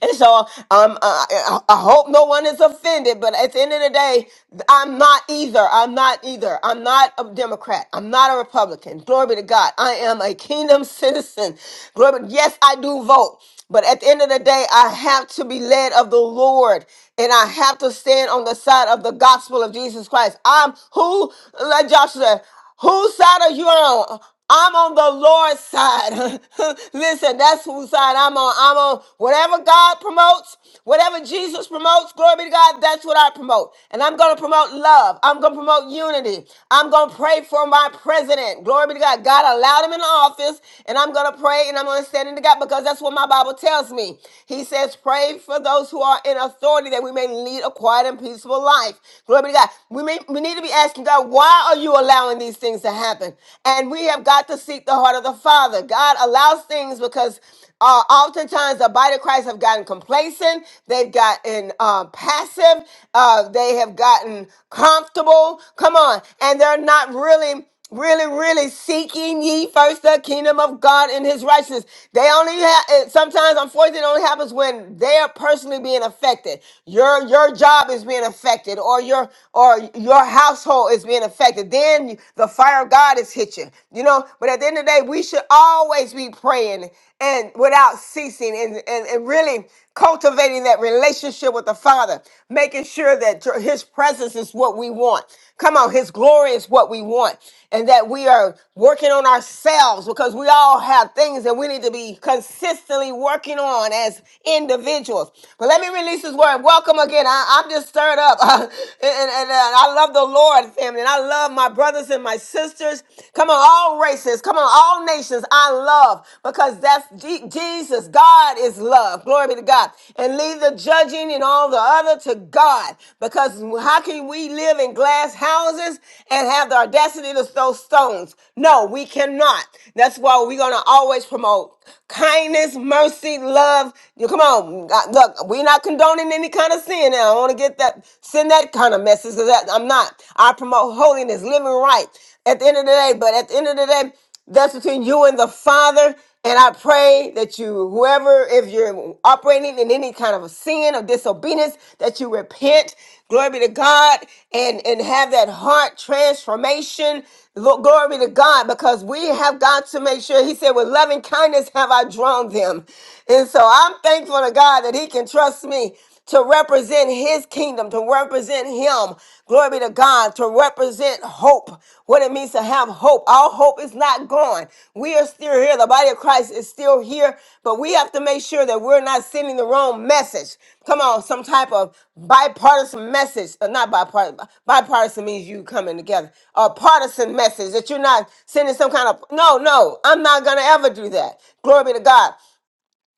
A: And so um, uh, I I hope no one is offended, but at the end of the day, I'm not either. I'm not either. I'm not a Democrat. I'm not a Republican. Glory be to God. I am a kingdom [LAUGHS] citizen. Glory. be- Yes, I do vote. But at the end of the day, I have to be led of the Lord and I have to stand on the side of the gospel of Jesus Christ. I'm who, like Joshua said. Whose side are you on? I'm on the Lord's side. [LAUGHS] Listen, that's whose side I'm on. I'm on whatever God promotes, whatever Jesus promotes, glory be to God, that's what I promote. And I'm going to promote love. I'm going to promote unity. I'm going to pray for my president. Glory be to God. God allowed him in office, and I'm going to pray and I'm going to stand in the gap because that's what my Bible tells me. He says, Pray for those who are in authority that we may lead a quiet and peaceful life. Glory be to God. We, may, we need to be asking asking God, why are you allowing these things to happen? And we have got to seek the heart of the Father. God allows things because uh, oftentimes the body of Christ have gotten complacent, they've gotten uh, passive, uh, they have gotten comfortable. Come on, and they're not really really, really seeking ye first the kingdom of God and his righteousness. They only have sometimes unfortunately it only happens when they are personally being affected. Your your job is being affected, or your or your household is being affected. Then the fire of God is hit you. You know, but at the end of the day, we should always be praying and without ceasing and, and, and really cultivating that relationship with the Father, making making sure that your- His presence is what we want. Come on, His glory is what we want, and that we are working on ourselves because we all have things that we need to be consistently working on as individuals. But let me release this word. Welcome again. I, I'm just stirred up, [LAUGHS] and, and- and I love the Lord, family, and I love my brothers and my sisters. Come on, all races. Come on, all nations. I love because that's Jesus. Jesus. God is love. Glory be to God. And leave the judging and all the other to God. Because how can we live in glass houses and have the audacity to throw stones? No, we cannot. That's why we're going to always promote kindness, mercy, love. You come on, God, look, we're not condoning any kind of sin. And I don't want to get that, send that kind of message because I'm not. I promote holiness, living right. At the end of the day, but at the end of the day, that's between you and the Father. And I pray that you, whoever, if you're operating in any kind of a sin or disobedience, that you repent. Glory be to God and, and have that heart transformation. Lo- Glory be to God because we have got to make sure. He said, with loving kindness have I drawn them. And so I'm thankful to God that He can trust me to represent his kingdom, to represent him. Glory be to God to represent hope, what it means to have hope. Our hope is not gone. We are still here. The body of Christ is still here, but we have to make sure that we're not sending the wrong message. Come on, some type of bipartisan message. uh, Not bipartisan. Bipartisan means you coming together. A partisan message that you're not sending some kind of. No, no, I'm not going to ever do that. Glory be to God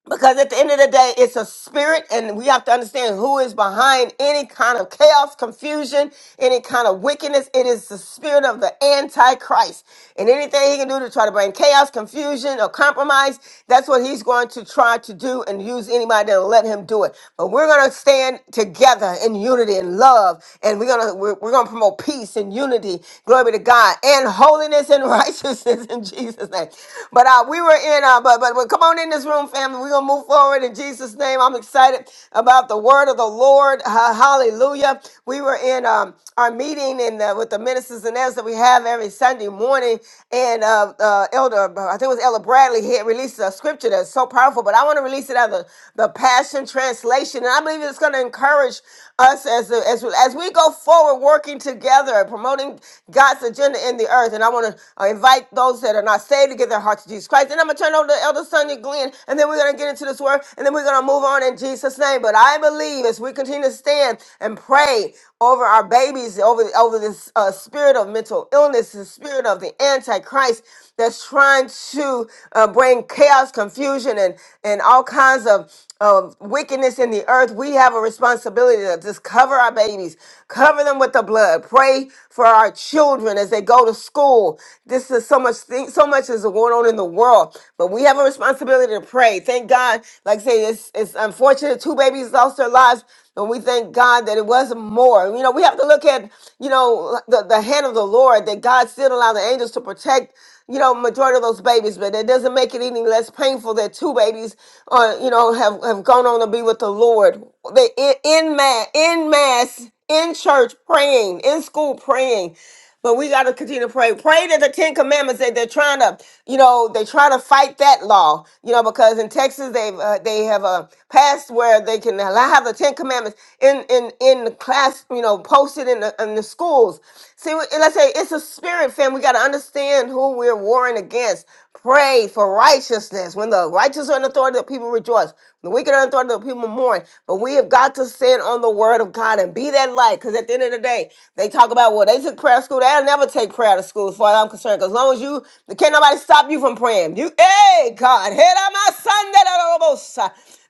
A: because at the end of the day, it's a spirit, and we have to understand who is behind any kind of chaos, confusion, any kind of wickedness. It is the spirit of the Antichrist. And anything he can do to try to bring chaos, confusion, or compromise, that's what he's going to try to do and use anybody to let him do it. But we're going to stand together in unity and love, and we're going to we're, we're going to promote peace and unity. Glory be to God and holiness and [LAUGHS] righteousness in Jesus' name. But uh, we were in in, uh, but, but but come on in this room, family. We're gonna move forward in Jesus' name. I'm excited about the word of the Lord. Ha- hallelujah. We were in um, our meeting in the, with the ministers and elders that we have every Sunday morning, and uh, uh, Elder, I think it was Elder Bradley, he had released a scripture that's so powerful. But I want to release it out of the, the Passion Translation, and I believe it's gonna encourage us as the, as as we go forward, working together, promoting God's agenda in the earth. And I want to invite those those that are not saved to give their heart to Jesus Christ. And I'm going to turn over to Elder Sonia Glenn, and then we're going to get into this word, and then we're going to move on in Jesus' name. But I believe as we continue to stand and pray over our babies, over, over this uh, spirit of mental illness, the spirit of the Antichrist that's trying to uh, bring chaos, confusion, and, and all kinds of of wickedness in the earth, we have a responsibility to just cover our babies, cover them with the blood, pray for our children as they they go to school. This is so much thing, so much is going on in the world. But we have a responsibility to pray. Thank God. Like I say, it's it's unfortunate two babies lost their lives. And we thank God that it wasn't more. You know, we have to look at, you know, the, the hand of the Lord, that God still allowed the angels to protect, you know, majority of those babies, but it doesn't make it any less painful that two babies uh, you know, have, have gone on to be with the Lord. They in, in mass, in mass, in church praying, in school praying. But we got to continue to pray. Pray that the Ten Commandments that they're trying to, you know, they try to fight that law, you know, because in Texas they've uh, they have a passed where they can allow have the Ten Commandments in in in the class, you know, posted in the in the schools. See, we- let's say it's a spirit, fam. We got to understand who we're warring against. Pray for righteousness. When the righteous are in authority, the people rejoice. When the wicked are in authority, the people mourn. But we have got to stand on the word of God and be that light, because at the end of the day, they talk about, well, they took prayer to school. They'll never take prayer to school, as far as I'm concerned. 'cause as long as you, can't nobody stop you from praying. You, hey, God, hit on my Sunday. almost.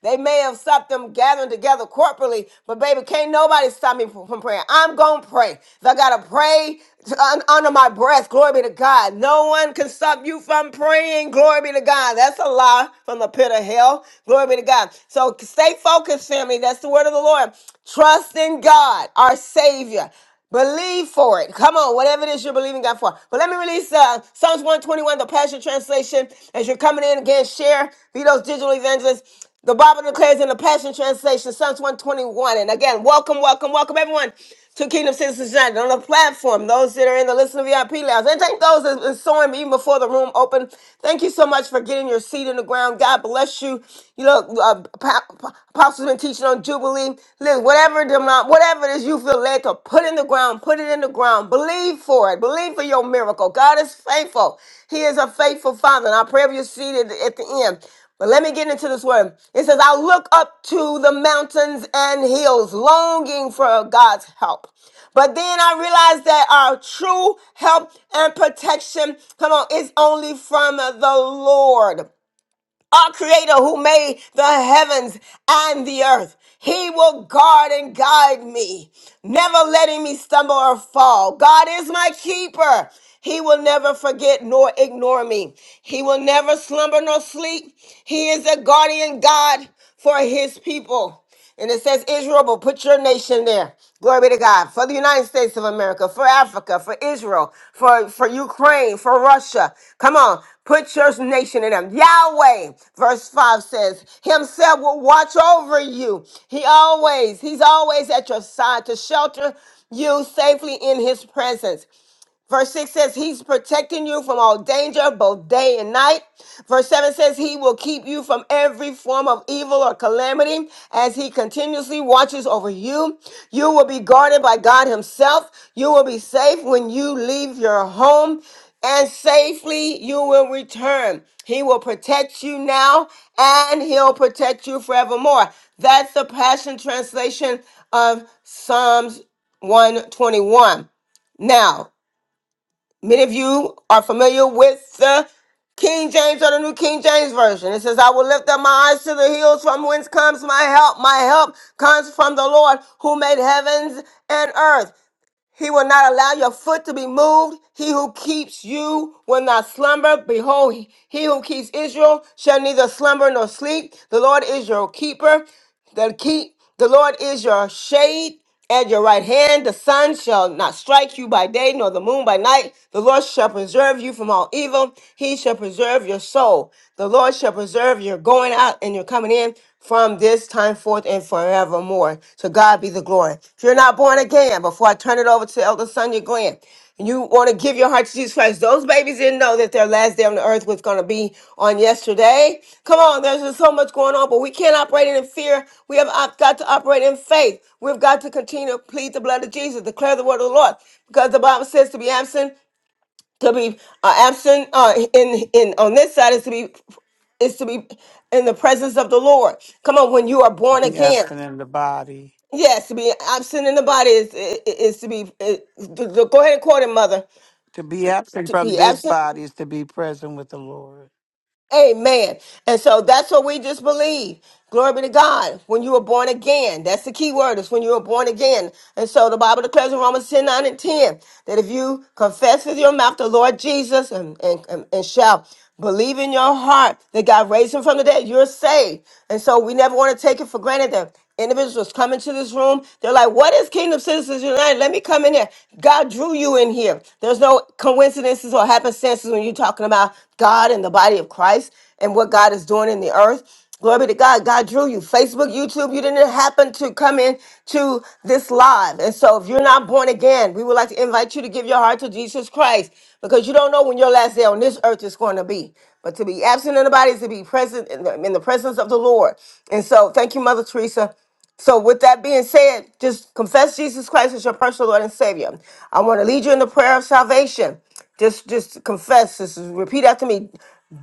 A: They may have stopped them gathering together corporately, but baby, can't nobody stop me from from praying. I'm going to pray. If I got to pray to- un- under my breath, glory be to God. No one can stop you from praying. Glory be to God. That's a lie from the pit of hell. Glory be to God. So stay focused, family. That's the word of the the Lord. Trust in God, our Savior. Believe for it. Come on, whatever it is you're believing God for. But let me release uh, Psalms 121, the Passion Translation. As you're coming in again, share, be those digital evangelists. The Bible declares in the Passion Translation, Psalms 121. And again, welcome, welcome, welcome everyone to Kingdom Citizens United on the platform. Those that are in the Listen VIP Lounge. And thank those that are been sowing even before the room opened. Thank you so much for getting your seat in the ground. God bless you. You look uh, pa- apostles been teaching on Jubilee. Listen, whatever them not, whatever it is you feel led to put in the ground, put it in the ground. Believe for it. Believe for your miracle. God is faithful. He is a faithful Father. And I pray you're seated at the end. But let me get into this word. It says, I look up to the mountains and hills, longing for God's help. But then I realized that our true help and protection, come on, is only from the Lord our creator who made the heavens and the earth. He will guard and guide me, never letting me stumble or fall. God is my keeper. He will never forget nor ignore me. He will never slumber nor sleep. He is a guardian God for his people. And it says Israel, but put your nation there. Glory be to God. For the United States of America, for Africa, for Israel, for, for Ukraine, for Russia. Come on, put your nation in them. Yahweh, verse 5 says, Himself will watch over you. He always, He's always at your side to shelter you safely in His presence. Verse 6 says, He's protecting you from all danger, both day and night. Verse 7 says, He will keep you from every form of evil or calamity as He continuously watches over you. You will be guarded by God Himself. You will be safe when you leave your home, and safely you will return. He will protect you now, and He'll protect you forevermore. That's the Passion Translation of Psalms 121. Now, Many of you are familiar with the King James or the New King James Version. It says, I will lift up my eyes to the hills from whence comes my help. My help comes from the Lord who made heavens and earth. He will not allow your foot to be moved. He who keeps you will not slumber. Behold, he who keeps Israel shall neither slumber nor sleep. The Lord is your keeper. The keep the Lord is your shade at your right hand. The sun shall not strike you by day, nor the moon by night. The Lord shall preserve you from all evil. He shall preserve your soul. The Lord shall preserve your going out and your coming in from this time forth and forevermore. To God be the glory. If you're not born again, before I turn it over to Elder Sonia Glenn, and you want to give your heart to Jesus Christ, those babies didn't know that their last day on the earth was going to be on yesterday. Come on, there's just so much going on, but we can't operate in fear. We have op- got to operate in faith. We've got to continue to plead the blood of Jesus, declare the word of the Lord, because the Bible says to be absent to be uh, absent uh, in in on this side is to be is to be in the presence of the Lord. Come on, when you are born
B: Be
A: again.
B: absent in the body.
A: Yes, to be absent in the body is is, is to be. Is, go ahead and quote it, mother.
B: To be absent
A: To
B: from
A: be
B: this
A: absent.
B: body is to be present with the Lord.
A: Amen. And so that's what we just believe. Glory be to God. When you were born again, that's the key word, is when you were born again. And so the Bible declares in Romans 10 9 and 10 that if you confess with your mouth the Lord Jesus and, and, and, and shall believe in your heart that God raised him from the dead, you're saved. And so we never want to take it for granted that Individuals coming to this room, they're like, What is Kingdom Citizens United? Let me come in here. God drew you in here. There's no coincidences or happenstances when you're talking about God and the body of Christ and what God is doing in the earth. Glory be to God. God drew you. Facebook, YouTube, you didn't happen to come in to this live. And so if you're not born again, we would like to invite you to give your heart to Jesus Christ because you don't know when your last day on this earth is going to be. But to be absent in the body is to be present in the, in the presence of the Lord. And so, thank you, Mother Teresa. So, with that being said, just confess Jesus Christ as your personal Lord and Savior. I want to lead you in the prayer of salvation. Just, just confess. Just repeat after me.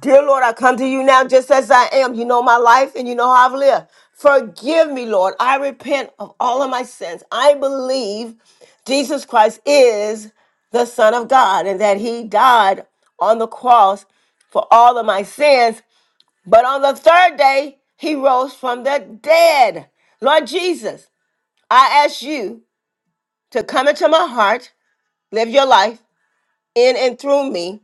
A: Dear Lord, I come to you now just as I am. You know my life and you know how I've lived. Forgive me, Lord. I repent of all of my sins. I believe Jesus Christ is the Son of God and that He died on the cross for all of my sins. But on the third day, he rose from the dead. Lord Jesus, I ask you to come into my heart, live your life in and through me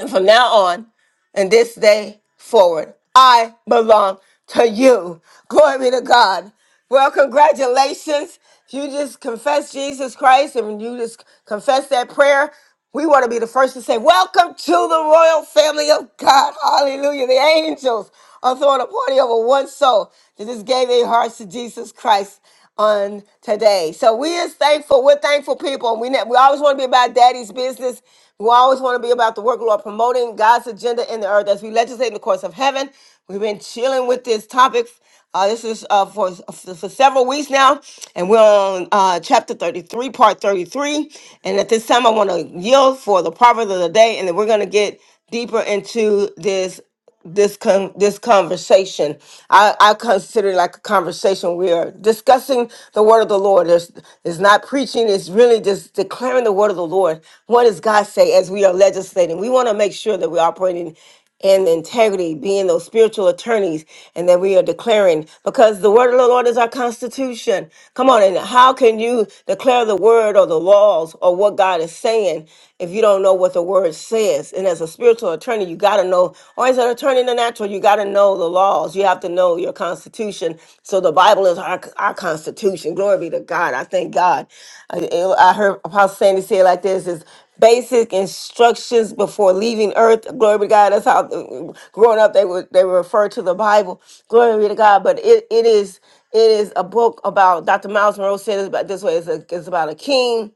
A: and from now on and this day forward, I belong to you. Glory be to God. Well, congratulations. You just confess Jesus Christ and when you just confess that prayer. We want to be the first to say, Welcome to the royal family of God. Hallelujah. The angels are throwing a party over one soul that just gave their hearts to Jesus Christ on today. So we is thankful. We're thankful people. We ne- we always want to be about daddy's business. We always want to be about the work of the Lord, promoting God's agenda in the earth as we legislate in the course of heaven. We've been chilling with this topic. Uh, this is uh, for, for for several weeks now, and we're on uh, chapter 33, part 33. And at this time, I want to yield for the proverb of the day, and then we're going to get deeper into this this con- this conversation. I, I consider it like a conversation. We are discussing the word of the Lord. There's it's not preaching, it's really just declaring the word of the Lord. What does God say as we are legislating? We want to make sure that we're operating in integrity, being those spiritual attorneys, and that we are declaring because the word of the Lord is our constitution. Come on, and how can you declare the word or the laws or what God is saying if you don't know what the word word says. And as a spiritual attorney, you got to know, or as an attorney in the natural, you got to know the laws. You have to know your constitution. So the Bible is our, our constitution. Glory be to God. I thank God. I, I heard Apostle Sandy say it like this is basic instructions before leaving earth. Glory be to God. That's how uh, growing up they would they would refer to the Bible. Glory be to God. But it, it is it is a book about Dr. Miles Monroe said it's about this way. It's, a, it's about a king.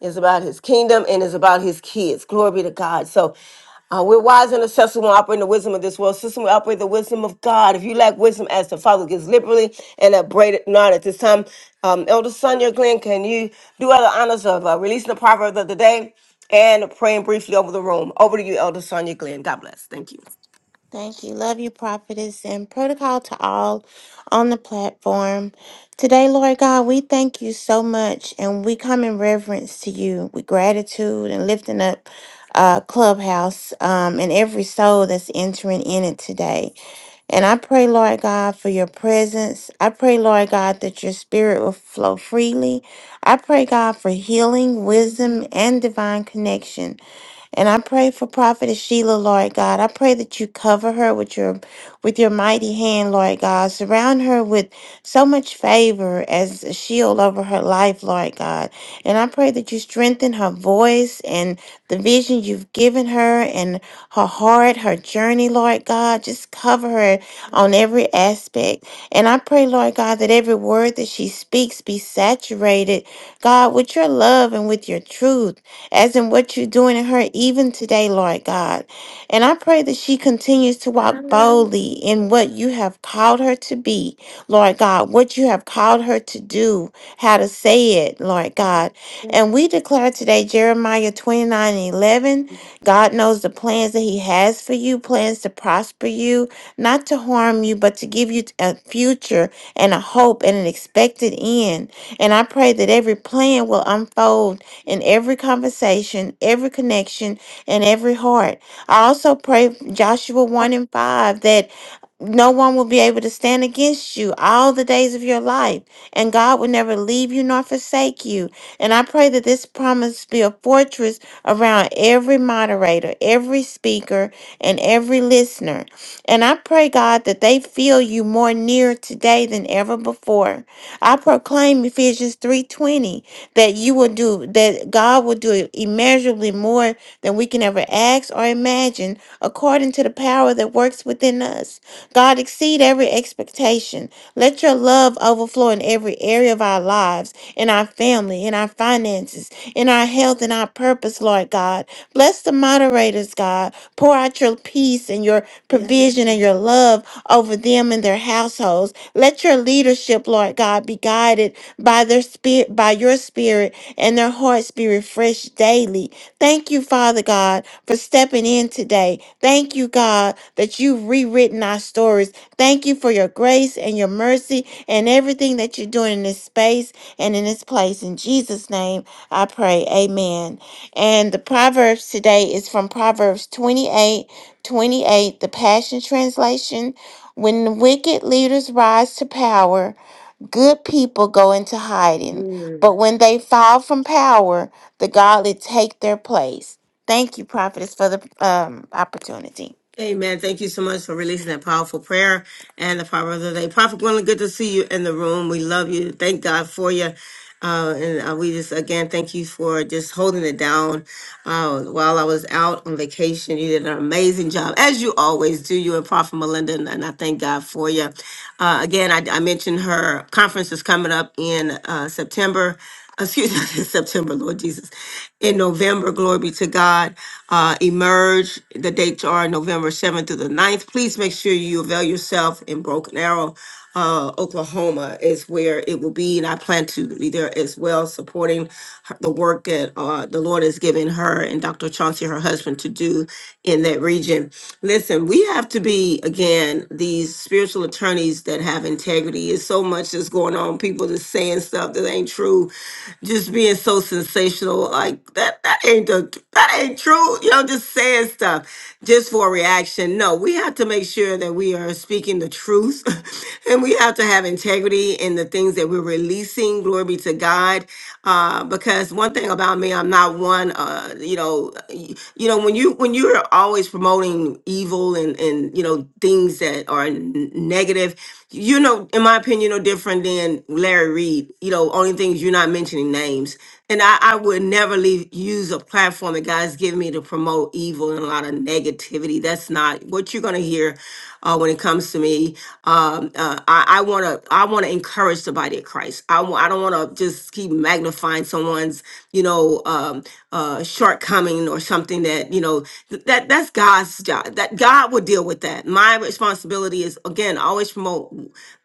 A: It's about his kingdom and it's about his kids. Glory be to God. So uh, we're wise and accessible when operating the wisdom of this world system. We operate the wisdom of God. If you lack wisdom, as the Father gives liberally and upbraid it not at this time. Um, Elder Sonia Glenn, can you do other honors of uh, releasing the proverb of the day and praying briefly over the room? Over to you, Elder Sonia Glenn. God bless. Thank you.
G: Thank you. Love you, prophetess, and protocol to all on the platform. Today, Lord God, we thank you so much and we come in reverence to you with gratitude and lifting up uh, Clubhouse um, and every soul that's entering in it today. And I pray, Lord God, for your presence. I pray, Lord God, that your spirit will flow freely. I pray, God, for healing, wisdom, and divine connection. And I pray for Prophetess Sheila, Lord God. I pray that you cover her with your with your mighty hand, Lord God. Surround her with so much favor as a shield over her life, Lord God. And I pray that you strengthen her voice and the vision you've given her and her heart, her journey, Lord God. Just cover her on every aspect. And I pray, Lord God, that every word that she speaks be saturated, God, with your love and with your truth as in what you're doing in her even today, Lord God. And I pray that she continues to walk boldly in what you have called her to be, Lord God, what you have called her to do, how to say it, Lord God. And we declare today, Jeremiah 29 and 11, God knows the plans that He has for you, plans to prosper you, not to harm you, but to give you a future and a hope and an expected end. And I pray that every plan will unfold in every conversation, every connection, and every heart. I also pray Joshua 1 and 5 that no one will be able to stand against you all the days of your life, and God will never leave you nor forsake you. And I pray that this promise be a fortress around every moderator, every speaker, and every listener. And I pray, God, that they feel you more near today than ever before. I proclaim Ephesians 3:20 that you will do that God will do immeasurably more than we can ever ask or imagine according to the power that works within us. God, exceed every expectation. Let your love overflow in every area of our lives, in our family, in our finances, in our health, in our purpose, Lord God. Bless the moderators, God. Pour out your peace and your provision and your love over them and their households. Let your leadership, Lord God, be guided by their spirit, by your spirit, and their hearts be refreshed daily. Thank you, Father God for stepping in today. Thank you, God, that you've rewritten our stories. Thank you for your grace and your mercy and everything that you're doing in this space and in this place. In Jesus' name, I pray. Amen. And the Proverbs today is from Proverbs 28 28, the Passion Translation. When the wicked leaders rise to power, good people go into hiding. But when they fall from power, the godly take their place. Thank you, prophetess, for the um, opportunity.
A: Amen. Thank you so much for releasing that powerful prayer and the power of the day. Prophet Gwendolyn, good to see you in the room. We love you. Thank God for you. Uh, and uh, we just, again, thank you for just holding it down uh, while I was out on vacation. You did an amazing job, as you always do, you and Prophet Melinda, and, and I thank God for you. Uh, again, I, I mentioned her conference is coming up in uh, September excuse me, [LAUGHS] in September, Lord Jesus. In November, glory be to God. Uh, emerge, the dates are November 7th through the ninth. Please make sure you avail yourself in Broken Arrow, uh, Oklahoma is where it will be. And I plan to be there as well, supporting her, the work that uh, the Lord has given her and Dr. Chauncey, her husband, to do in that region. Listen, we have to be, again, these spiritual attorneys that have integrity. It's so much that's that's going on. People just saying stuff that ain't true, just being so sensational like that. That ain't the, that ain't true. You know, just saying stuff just for a reaction. No, we have to make sure that we are speaking the truth, [LAUGHS] and we have to have integrity in the things that we're releasing. Glory be to God. Uh, because one thing about me, I'm not one. Uh, you know, y- you know when you when you're always promoting evil and and you know things that are negative. You know, in my opinion, no different than Larry Reed. You know, only things you're not mentioning names. And I, I would never leave use a platform that God's given me to promote evil and a lot of negativity. That's not what you're gonna hear uh, when it comes to me. Um, uh, I, I wanna I wanna encourage the body of Christ. I w- I don't wanna just keep magnifying someone's you know um, uh, shortcoming or something that you know th- that that's God's job that God will deal with that. My responsibility is again always promote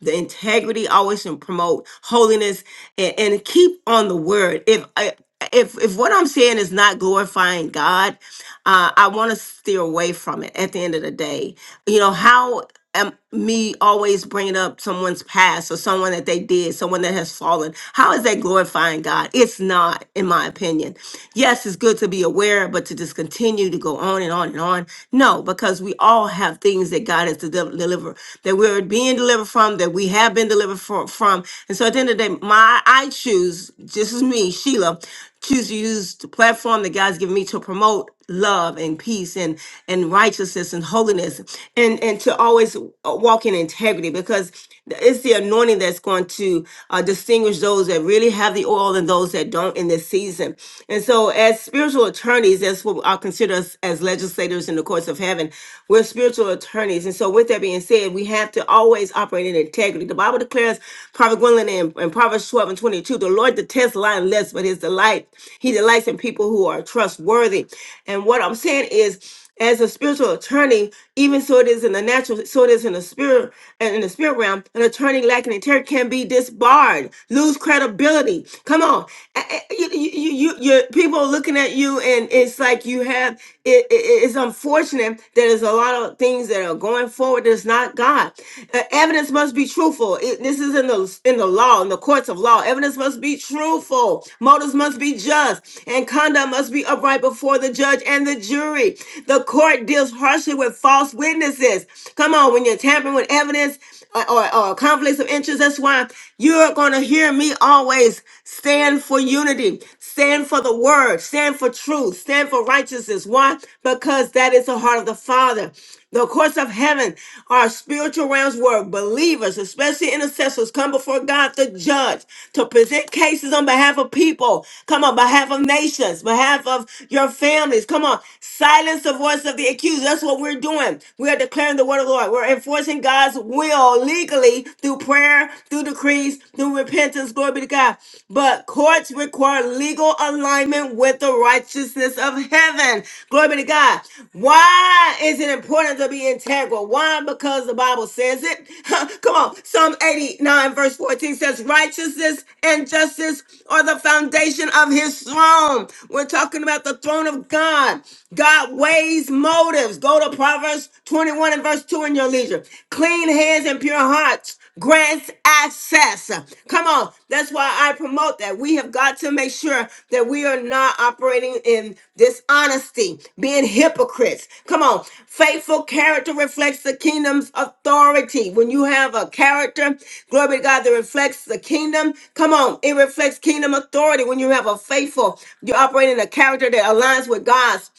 A: the integrity, always and promote holiness, and, and keep on the word. If I, if if what I'm saying is not glorifying God, uh, I want to steer away from it. At the end of the day, you know how am me always bringing up someone's past or someone that they did, someone that has fallen. How is that glorifying God? It's not, in my opinion. Yes, it's good to be aware, but to just continue to go on and on and on. No, because we all have things that God has to del- deliver, that we're being delivered from, that we have been delivered fro- from. And so at the end of the day, my I choose, just as me, Sheila, choose to use the platform that God's given me to promote love and peace and and righteousness and holiness and and to always uh, walk in integrity because it's the anointing that's going to uh, distinguish those that really have the oil and those that don't in this season. And so, as spiritual attorneys, that's what I will consider us as legislators in the courts of heaven. We're spiritual attorneys, and so with that being said, we have to always operate in integrity. The Bible declares, Prophet Gwendolyn in, in Proverbs twelve and twenty two, the Lord detests lying lips, but His delight He delights in people who are trustworthy. And what I'm saying is as a spiritual attorney, even so it is in the natural, so it is in the spirit and in the spirit realm, an attorney lacking integrity can be disbarred, lose credibility. Come on, A- a- you, you, you, you you- people are looking at you, and it's like you have. It, it- it's unfortunate that there's a lot of things that are going forward that's not God. Uh, evidence must be truthful. It- this is in the in the law, in the courts of law. Evidence must be truthful. Motives must be just, and conduct must be upright before the judge and the the jury. The court deals harshly with false witnesses. Come on, when you're tampering with evidence or, or, or conflicts of interest, that's why you're going to hear me always stand for unity, stand for the word, stand for truth, stand for righteousness. Why? Because that is the heart of the Father. The courts of heaven are spiritual realms where believers, especially intercessors, come before God the judge to present cases on behalf of people. Come on, behalf of nations, behalf of your families. Come on, silence the voice of the accused. That's what we're doing. We are declaring the word of the Lord. We're enforcing God's will legally through prayer, through decrees, through repentance. Glory be to God. But courts require legal alignment alignment with the righteousness of heaven. Glory be to God. Why is it important to be integral? Why? Because the Bible says it. [LAUGHS] Come on. Psalm 89, verse 14 says, Righteousness and justice are the foundation of his throne. We're talking about the throne of God. God weighs motives. Go to Proverbs 21 and verse 2 in your leisure. Clean hands and pure hearts grants access. Come on. That's why I promote that. We have got to make sure that we are not operating in dishonesty, being hypocrites. Come on. Faithful character reflects the kingdom's authority. When you have a character, glory to God, that reflects the kingdom, come on. It reflects kingdom authority. When you have a faithful, you are operating a character that aligns with God's.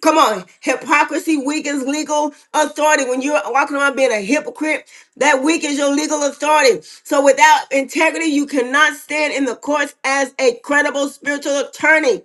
A: Come on, hypocrisy weakens legal authority. When you're walking around being a hypocrite, that weakens your legal authority. So without integrity, you cannot stand in the courts as a credible spiritual attorney.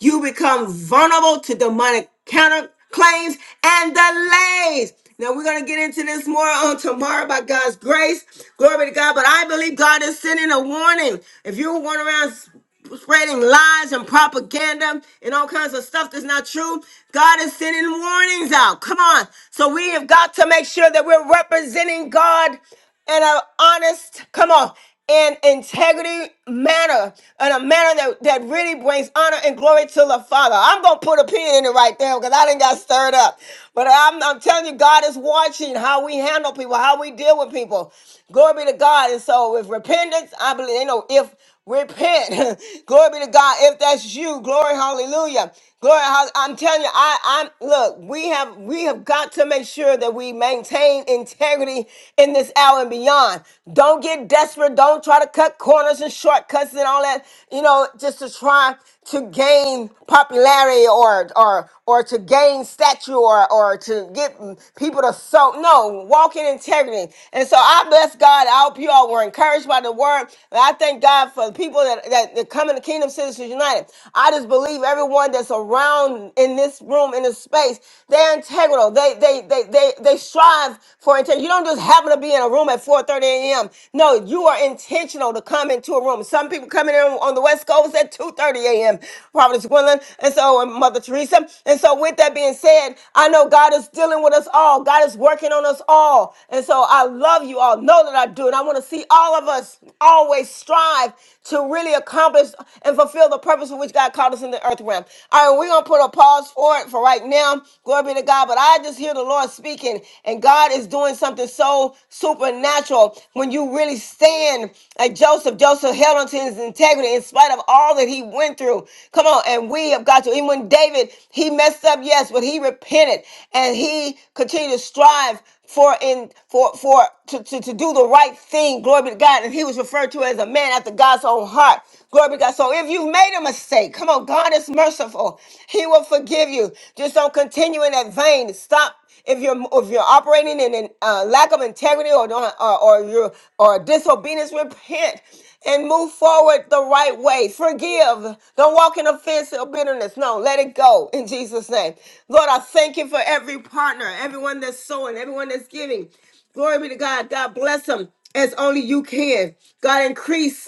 A: You become vulnerable to demonic counterclaims and delays. Now we're gonna get into this more on tomorrow by God's grace. Glory to God. But I believe God is sending a warning. If you're going around spreading lies and propaganda and all kinds of stuff that's not true. God is sending warnings out. Come on. So we have got to make sure that we're representing God in an honest, come on, in integrity manner, in a manner that, that really brings honor and glory to the Father. I'm going to put a pin in it right there because I didn't got stirred up. But I'm, I'm telling you, God is watching how we handle people, how we deal with people. Glory be to God. And so with repentance, I believe, you know, if Repent. [LAUGHS] glory be to God. If that's you, glory, hallelujah. Glory, hall- I'm telling you, I, I'm look, we have we have got to make sure that we maintain integrity in this hour and beyond. Don't get desperate. Don't try to cut corners and shortcuts and all that, you know, just to try to gain popularity or or or to gain stature or or to get people to so no walk in integrity. And so I bless God. I hope you all were encouraged by the word. And I thank God for. God for the people that, that, that come in the Kingdom Citizens United. I just believe everyone that's around in this room, in this space, they're integral. They they they they they strive for integrity. You don't just happen to be in a room at 4:30 a.m. No, you are intentional to come into a room. Some people come in on the West Coast at 2:30 a.m. Providence Gwendolyn, and so and Mother Teresa. And so with that being said, I know God is dealing with us all. God is working on us all. And so I love you all. Know that I do. And I want to see all of us always strive life to really accomplish and fulfill the purpose for which God called us in the earth realm. All right, we're going to put a pause for it for right now. Glory be to God. But I just hear the Lord speaking, and God is doing something so supernatural when you really stand like Joseph. Joseph held onto his integrity in spite of all that he went through. Come on, and we have got to. Even when David, he messed up, yes, but he repented and he continued to strive for in for for to, to, to do the right thing. Glory be to God. And he was referred to as a man after God's own heart. Glory be to God. So if you've made a mistake, come on, God is merciful. He will forgive you. Just don't continue in that vein. Stop if you're if you're operating in a uh, lack of integrity or don't, or, or you're your or disobedience, repent and move forward the right way. Forgive. Don't walk in offense or bitterness. No, let it go in Jesus' name. Lord, I thank you for every partner, everyone that's sowing, everyone that's giving. Glory be to God. God bless them as only you can. God increase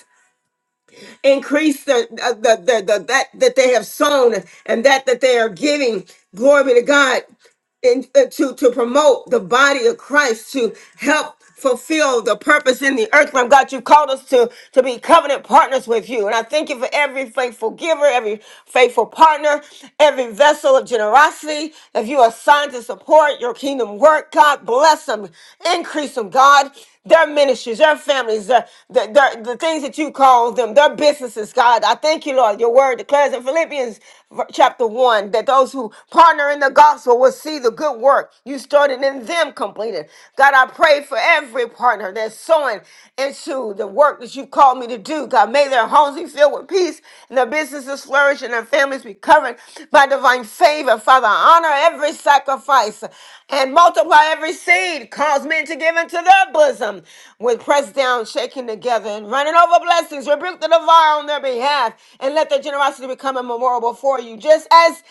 A: Increase the, uh, the, the, the that that they have sown and that that they are giving. Glory be to God in, uh, to to promote the body of Christ to help fulfill the purpose in the earth realm. God, you called us to to be covenant partners with you, and I thank you for every faithful giver, every faithful partner, every vessel of generosity. If you are assigned to support your kingdom work, God bless them, increase them, God their ministries, their families, their, their, their- the things that you call them, their businesses, God. I thank you, Lord. Your word declares in Philippians v- chapter 1 that those who partner in the gospel will see the good work you started in them completed. God, I pray for every partner that's sowing into the work that you called me to do. God, may their homes be filled with peace and their businesses flourish and their families be covered by divine favor. Father, honor every sacrifice and multiply every seed. Cause men to give into their bosom with pressed down, shaking together, and running over blessings. Rebuke the devourer on their behalf and let their generosity become a memorial before you. Just as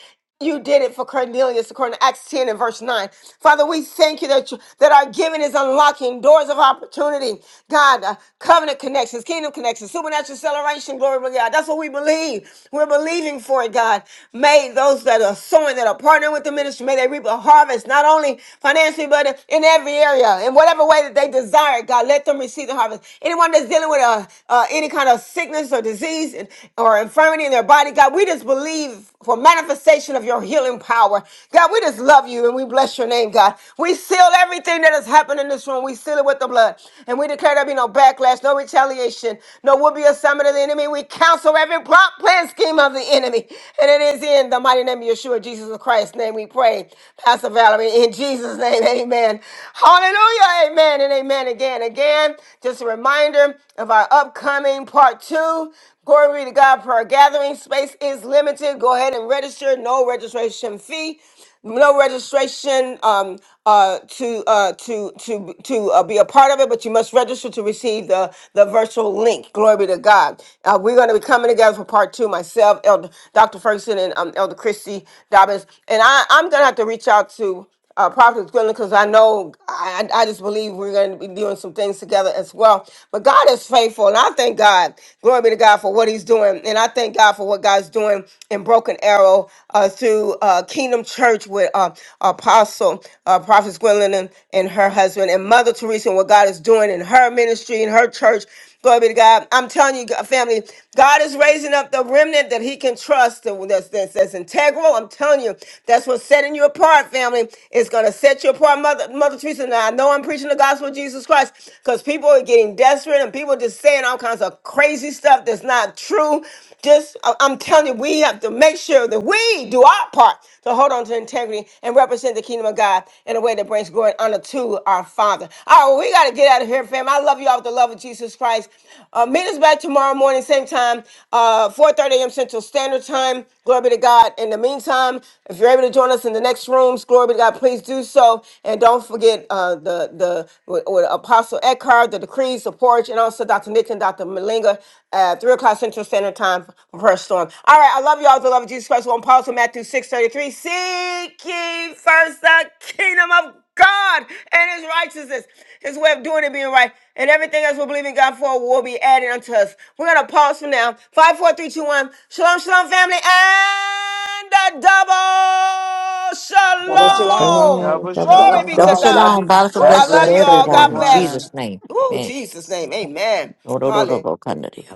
A: you did it for Cornelius, according to Acts 10 and verse 9. Father, we thank you that, you, that our giving is unlocking doors of opportunity. God, uh, covenant connections, kingdom connections, supernatural acceleration, glory to God. That's what we believe. We're believing for it, God. May those that are sowing, that are partnering with the ministry, may they reap a harvest, not only financially, but in every area, in whatever way that they desire. God, let them receive the harvest. Anyone that's dealing with a, uh, any kind of sickness or disease and, or infirmity in their body, God, we just believe for manifestation of your healing power. God, we just love you and we bless your name, God. We seal everything that has happened in this room. We seal it with the blood. And we declare there be no backlash, no retaliation, no will be assignment assignment of the enemy. We counsel every plot, plan, scheme of the enemy. And it is in the mighty name of Yeshua, Jesus of Christ's name, we pray. Pastor Valerie, in Jesus' name, amen. Hallelujah, amen, and amen again. Again, just a reminder of our upcoming part two. Glory be to God, prayer gathering space is limited. Go ahead and register, no registration fee no registration um, uh, to uh, to to to uh, be a part of it, but you must register to receive the the virtual link. Glory be to God. Uh, we're going to be coming together for part two. Myself, Elder Dr. Ferguson, and um, Elder Christy Dobbins, and I, I'm going to have to reach out to uh, Prophet Gwendolyn, because I know I, I I just believe we're going to be doing some things together as well. But God is faithful, and I thank God. Glory be to God for what He's doing, and I thank God for what God's doing in Broken Arrow uh, through uh, Kingdom Church with uh, Apostle uh, Prophet Gwendolyn and, and her husband and Mother Teresa, and what God is doing in her ministry and her church. Glory be to God. I'm telling you, family, God is raising up the remnant that He can trust that- that's, that's, that's integral. I'm telling you, that's what's setting you apart, family. It's going to set you apart, Mother, Mother Teresa. Now, I know I'm preaching the gospel of Jesus Christ because people are getting desperate and people just saying all kinds of crazy stuff that's not true. Just, I- I'm telling you, we have to make sure that we do our part to hold on to integrity and represent the kingdom of God. God in a way that brings glory and honor to our Father. All right, well, we got to get out of here, fam. I love you all with the love of Jesus Christ. Uh, meet us back tomorrow morning, same time, uh, 4 a.m. Central Standard Time. Glory be to God. In the meantime, if you're able to join us in the next rooms, glory be to God, please do so. And don't forget uh, the the with, with Apostle Eckhart, the decrees, the porch, and also Dr. Nick and Dr. Malinga at 3 o'clock Central Standard Time for prayer storm. All right, I love you all. The love of Jesus Christ. One are on pause Matthew 6.33. Seek ye first the kingdom of God and his righteousness, his way of doing it being right, and everything else we believe in God for will be added unto us. We're going to pause for now. Five, four, three, two, one. Shalom, shalom, family, and a double
L: Double shalom.
B: Shalom.
A: shalom.
N: Shalom,
B: Double
N: double
A: Glory
L: Shalom,
A: be
N: shalom.
C: Double
A: to
B: shalom.
L: shalom. Love
A: God.
L: you.
C: shalom, bountiful
A: Ooh,
N: God
B: God
A: I
C: blessings to
A: love
N: bless.
A: you
B: bless
A: all. God
C: everyone in
A: bless.
B: everyone.
C: Jesus' name.
A: Ooh,
C: Amen.
A: Jesus' name. Amen.
C: Ro ro ro ro
A: Hallelujah.
C: bo ka ne dia.